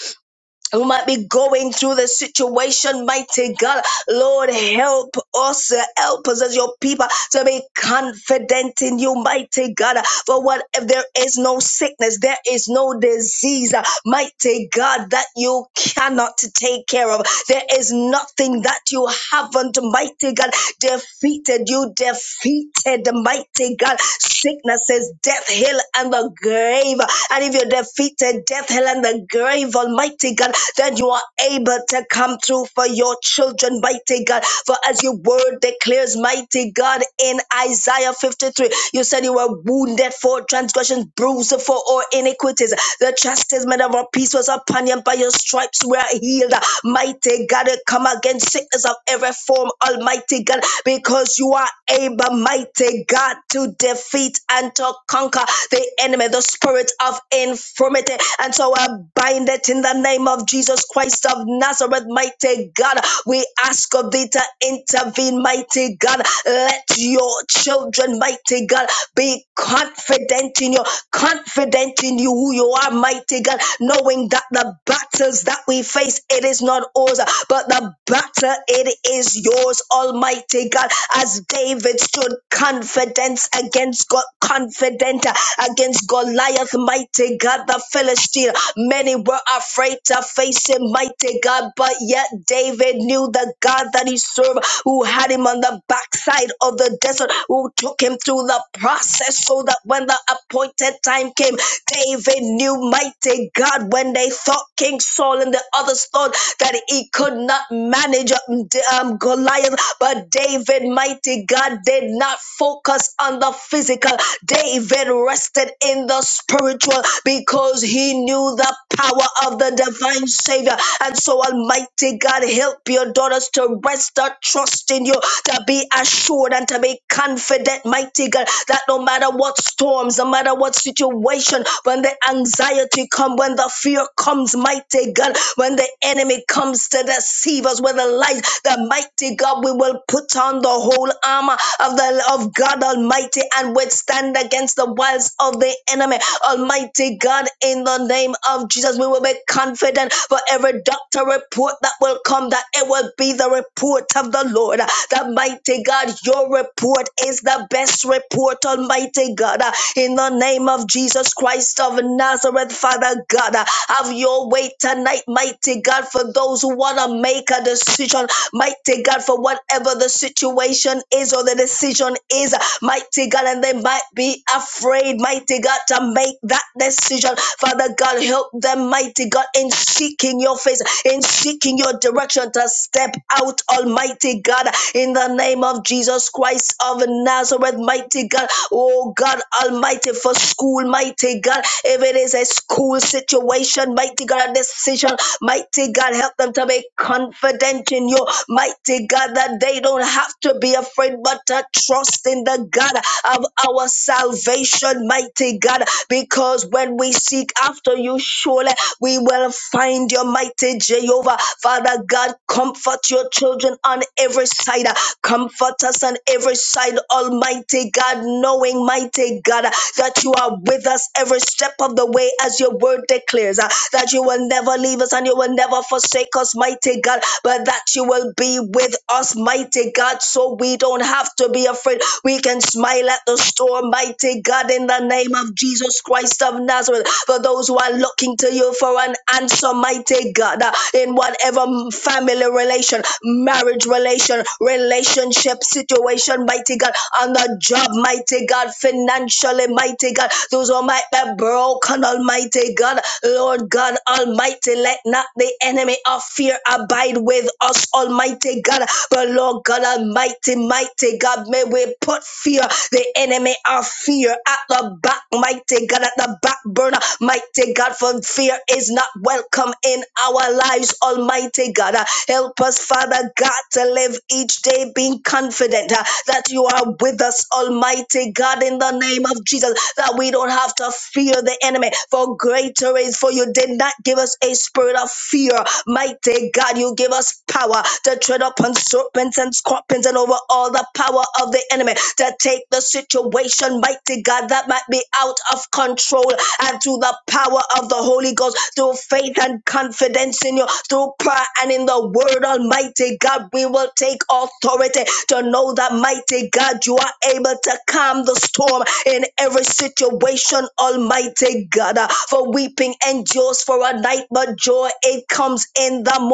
Speaker 5: who might be going through the situation, mighty God. Lord, help us, uh, help us as your people to be confident in you, mighty God. For what if there is no sickness, there is no disease, uh, mighty God, that you cannot take care of. There is nothing that you haven't, mighty God, defeated. You defeated, mighty God, sicknesses, death, hell, and the grave. And if you defeated death, hell and the grave, Almighty God, Then you are able to come through for your children, mighty God. For as your word declares, mighty God, in Isaiah 53, you said you were wounded for transgressions, bruised for all iniquities. The chastisement of our peace was upon you, and by your stripes we are healed. Mighty God, we come against sickness of every form, Almighty God, because you are able, mighty God, to defeat and to conquer the enemy, the spirit spirit of infirmity. And so I bind it in the name of Jesus Christ of Nazareth, mighty God. We ask of thee to intervene, mighty God. Let your children, mighty God, be confident in you, confident in you who you are, mighty God, knowing that the battles that we face, it is not ours, but the battle, it is yours, Almighty God. As David stood confidence against God, confident uh, against Goliath, mighty God, the Philistine. Many were afraid to face him, mighty God, but yet David knew the God that he served, who had him on the backside of the desert, who took him through the process so that when the appointed time came, David knew, mighty God, when they thought King Saul and the others thought that he could not manage um, D- um, Goliath, but David, mighty God, did not focus focused on the physical. David rested in the spiritual because he knew the power of the divine Savior. And so, Almighty God, help your daughters to rest their trust in you, to be assured and to be confident, mighty God, that no matter what storms, no matter what situation, when the anxiety comes, when the fear comes, mighty God, when the enemy comes to deceive us with a lie, the mighty God, we will put on the the whole armor of the of God Almighty and withstand against the wiles of the enemy. Almighty God, in the name of Jesus, we will be confident for every doctor report that will come, that it will be the report of the Lord. The mighty God, your report is the best report, Almighty God. In the name of Jesus Christ of Nazareth, Father God, have your way tonight, mighty God, for those who want to make a decision. mighty mighty God, for whatever the situation is or the decision is, mighty God, and they might be afraid, mighty God, to make that decision. Father God, help them, mighty God, in seeking your face, in seeking your direction to step out, almighty God, in the name of Jesus Christ of Nazareth, mighty God, oh God, almighty, for school, mighty God, if it is a school situation, mighty God, a decision, mighty God, help them to make remain confident in you, mighty God, that they don't have to be afraid, but to trust in the God of our salvation, mighty God, because when we seek after you, surely we will find your mighty Jehovah. Father God, comfort your children on every side. Comfort us on every side, Almighty God, knowing, mighty God, that you are with us every step of the way, as your word declares, uh, that you will never never leave us and you will never forsake us, mighty God, but that you will be with us, mighty God, so we don't have to be afraid. We can smile at the storm, mighty God, in the name of Jesus Christ of Nazareth. For those who are looking to you for an answer, mighty God, uh, in whatever family relation, marriage relation, relationship situation, mighty God, on the job, mighty God, financially, mighty God, those who might be broken, almighty God. God. Lord God Almighty, let not the enemy of fear abide with us, Almighty God. But Lord God Almighty, mighty God, may we put fear, the enemy of fear, at the back, mighty God, at the back burner, mighty God, for fear is not welcome in our lives, Almighty God. Help us, Father God, to live each day being confident uh, that you are with us, Almighty God, in the name of Jesus, that we don't have not of fear the enemy. For greater is for you did not give us a spirit of fear. Mighty God, you give us power to tread upon serpents and scorpions and over all the power of the enemy to take the situation, mighty God, that might be out of control and through the power of the Holy Ghost, through faith and confidence in you, through prayer and in the word, Almighty God, we will take authority to know that, mighty God, you are able to calm the storm in every situation, Almighty God. uh, For weeping endures for a night, but joy it comes in the morning.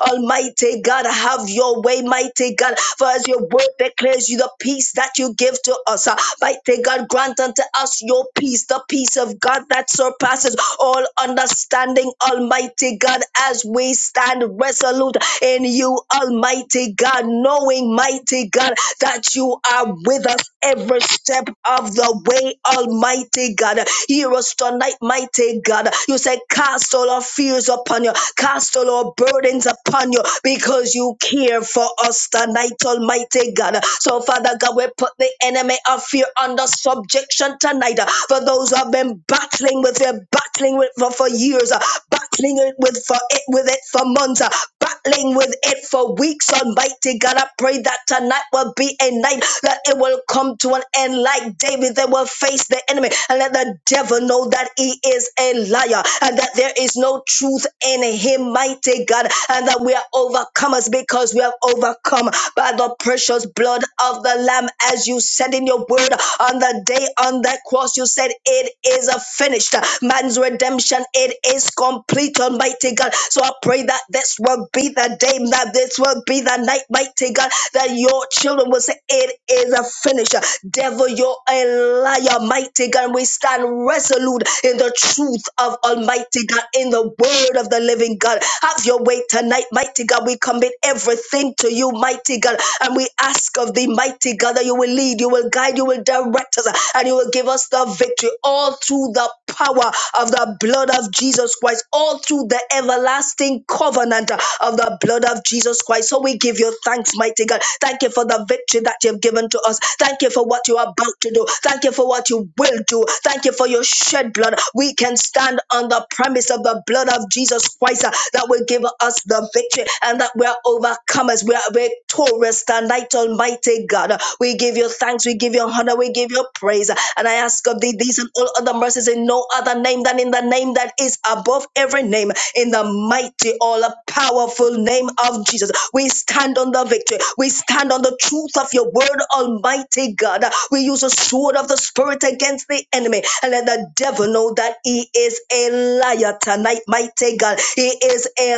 Speaker 5: Almighty God, have your way, mighty God. For as your word declares you the peace that you give to us, uh, mighty God, grant unto us your peace, the peace of God that surpasses all understanding, Almighty God, as we stand resolute in you, Almighty God, knowing, mighty God, that you are with us every step of the way, Almighty God. Hear us tonight, mighty God. You say, Cast all our fears upon you Cast all our burdens upon you because you care for us tonight, Almighty God. So, Father God, we put the enemy of fear under subjection tonight. For those who have been battling with it, battling with for, for years, battling it with for it with it for months, battling with it for weeks, Almighty God. I pray that tonight will be a night that it will come to an end like David. They will face the enemy and let the devil know that he is a liar and that there is no truth in him, mighty God, and that we are overcomers because we have overcome by the precious blood of the Lamb. As you said in your word on the day on that cross, you said, It is a finished. Man's redemption, it is complete, Almighty God. So I pray that this will be the day, that this will be the night, mighty God, that your children will will say, It is a finish. Devil, you're a liar, mighty God. We stand resolute in the truth of Almighty God, in the word of the living God. Have your way tonight, mighty God. We commit everything to you, mighty God. And we ask of thee, mighty God, that you will lead, you will guide, you will direct us, and you will give us the victory all through the power of the blood of Jesus Christ, all through the everlasting covenant covenant uh, of the blood of Jesus Christ. So we give you thanks, mighty God. Thank you for the victory that you've given to us. Thank you for what you're about to do. Thank you for what you will do. Thank you for your shed blood. We can stand on the premise of the blood of Jesus Christ uh, that will give us the victory and that we're overcomers. We are victorious tonight, Almighty God. We give you thanks. We give you honor. We give you praise. And I ask of thee these and all other mercies in in no other name than in the name that is above every name, in the mighty, all powerful name of Jesus. We stand on the victory. We stand on the truth of your word, Almighty God. We use the sword of the Spirit against the enemy and let the devil know that he is a liar tonight, mighty God. He is a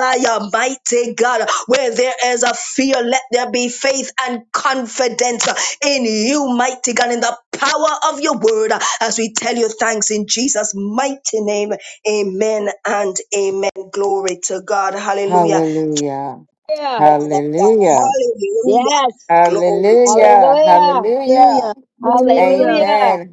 Speaker 5: liar, mighty God. Where there is a fear, let there be faith and confidence in you, mighty God, in the power of your word, uh, as we tell you thanks in Jesus' mighty name. Amen and amen. Glory to God. Hallelujah.
Speaker 1: Hallelujah.
Speaker 6: Yeah.
Speaker 1: Hallelujah.
Speaker 5: Hallelujah.
Speaker 6: Yes.
Speaker 5: Glory to
Speaker 1: Hallelujah.
Speaker 6: Hallelujah.
Speaker 1: Hallelujah.
Speaker 7: Hallelujah. Hallelujah.
Speaker 6: Hallelujah.
Speaker 1: Amen.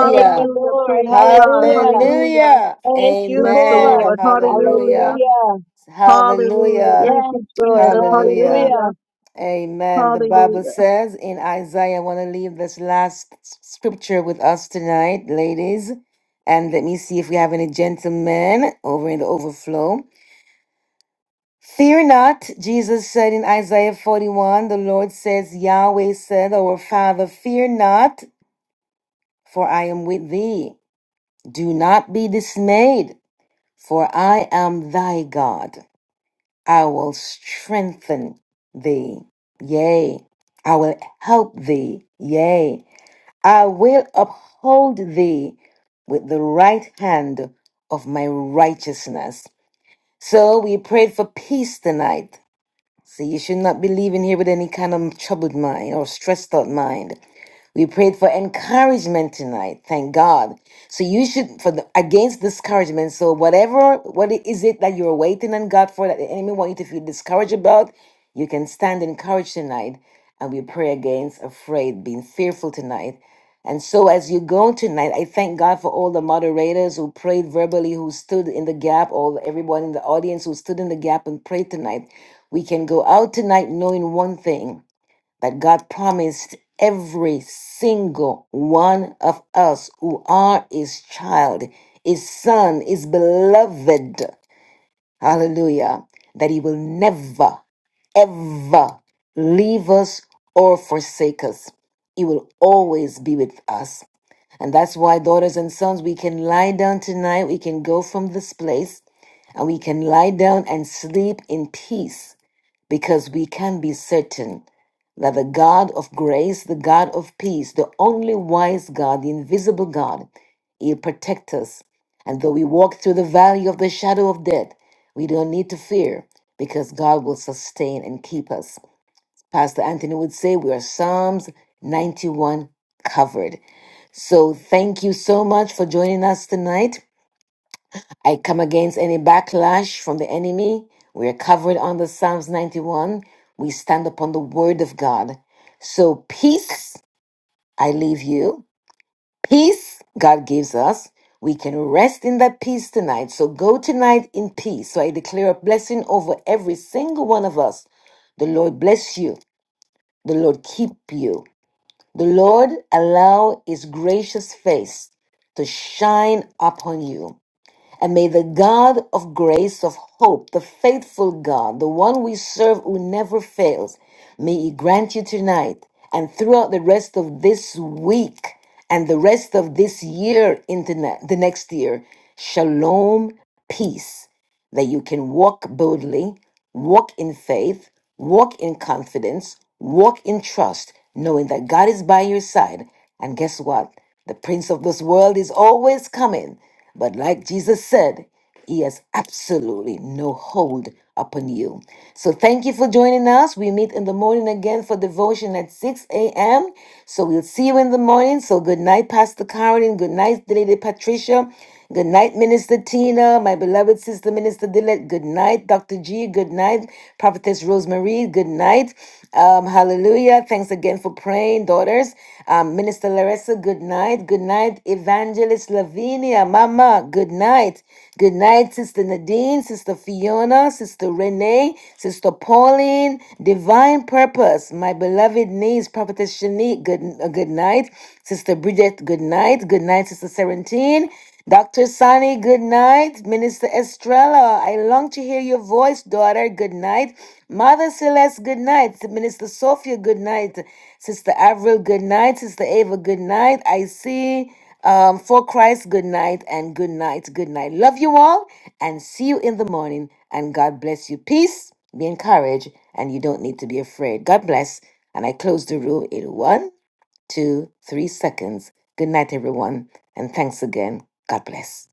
Speaker 6: Thank you, Lord.
Speaker 7: Praise God.
Speaker 6: Hallelujah.
Speaker 7: Hallelujah.
Speaker 1: Hallelujah.
Speaker 6: Thank you,
Speaker 7: Bless the
Speaker 1: Amen.
Speaker 7: Lord.
Speaker 6: Lord.
Speaker 7: Hallelujah.
Speaker 1: Hallelujah.
Speaker 6: Hallelujah.
Speaker 7: Hallelujah.
Speaker 1: Hallelujah.
Speaker 7: Thank
Speaker 6: Yes,
Speaker 7: you,
Speaker 6: Lord.
Speaker 7: Jesus.
Speaker 1: Hallelujah.
Speaker 6: Hallelujah.
Speaker 7: Hallelujah.
Speaker 1: Amen. The
Speaker 7: Hallelujah.
Speaker 1: Bible says in Isaiah, I want to leave this last s- scripture with us tonight, ladies. And let me see if we have any gentlemen over in the overflow. Fear not, Jesus said in Isaiah 41, the Lord says, Yahweh said, Our Father, fear not, for I am with thee. Do not be dismayed, for I am thy God. I will strengthen thee. Yea, I will help thee. Yea, I will uphold thee with the right hand of my righteousness. So we prayed for peace tonight. See, you should not be leaving here with any kind of troubled mind or stressed out mind. We prayed for encouragement tonight. Thank God. So you should for the, against discouragement. So whatever what is it that you're waiting on God for that the enemy wants you to feel discouraged about, you can stand encouraged tonight. And we pray against afraid, being fearful tonight. And so as you go tonight, I thank God for all the moderators who prayed verbally, who stood in the gap, all everyone in the audience who stood in the gap and prayed tonight. We can go out tonight knowing one thing that God promised every single one of us who are his child, his son, his beloved. Hallelujah. That he will never, ever leave us or forsake us. He will always be with us. And that's why, daughters and sons, we can lie down tonight. We can go from this place and we can lie down and sleep in peace because we can be certain that the God of grace, the God of peace, the only wise God, the invisible God, He'll protect us. And though we walk through the valley of the shadow of death, we don't need to fear because God will sustain and keep us. Pastor Anthony would say, we are Psalms 91 covered. So thank you so much for joining us tonight. I come against any backlash from the enemy. We are covered under Psalms 91. We stand upon the word of God. So peace, I leave you. Peace God gives us. We can rest in that peace tonight. So go tonight in peace. So I declare a blessing over every single one of us. The Lord bless you. The Lord keep you. The Lord allow his gracious face to shine upon you. And may the God of grace, of hope, the faithful God, the one we serve who never fails, may he grant you tonight and throughout the rest of this week and the rest of this year into ne- the next year, shalom, peace that you can walk boldly, walk in faith, walk in confidence, walk in trust, knowing that God is by your side. And guess what? The prince of this world is always coming. But like Jesus said, he has absolutely no hold upon you. So thank you for joining us. We meet in the morning again for devotion at 6 a.m. So we'll see you in the morning. So good night, Pastor Karen. Good night, Lady Patricia. Good night, Minister Tina, my beloved sister, Minister Dillett. Good night, Dr. G. Good night, Prophetess Rosemary. Good night. Um, hallelujah. Thanks again for praying, daughters. Um, Minister Larissa, good night. Good night, Evangelist Lavinia, Mama. Good night. Good night, Sister Nadine, Sister Fiona, Sister Renee, Sister Pauline. Divine Purpose, my beloved niece, Prophetess Shanique. Good, uh, good night, Sister Bridget. Good night. Good night, Sister Serentine. Dr. Sani, good night. Minister Estrella, I long to hear your voice, daughter. Good night. Mother Celeste, good night. Minister Sophia, good night. Sister Avril, good night. Sister Ava, good night. I see um, for Christ, good night and good night. Good night. Love you all and see you in the morning. And God bless you. Peace, be encouraged, and you don't need to be afraid. God bless. And I close the room in one two, three seconds. Good night, everyone, and thanks again. God bless.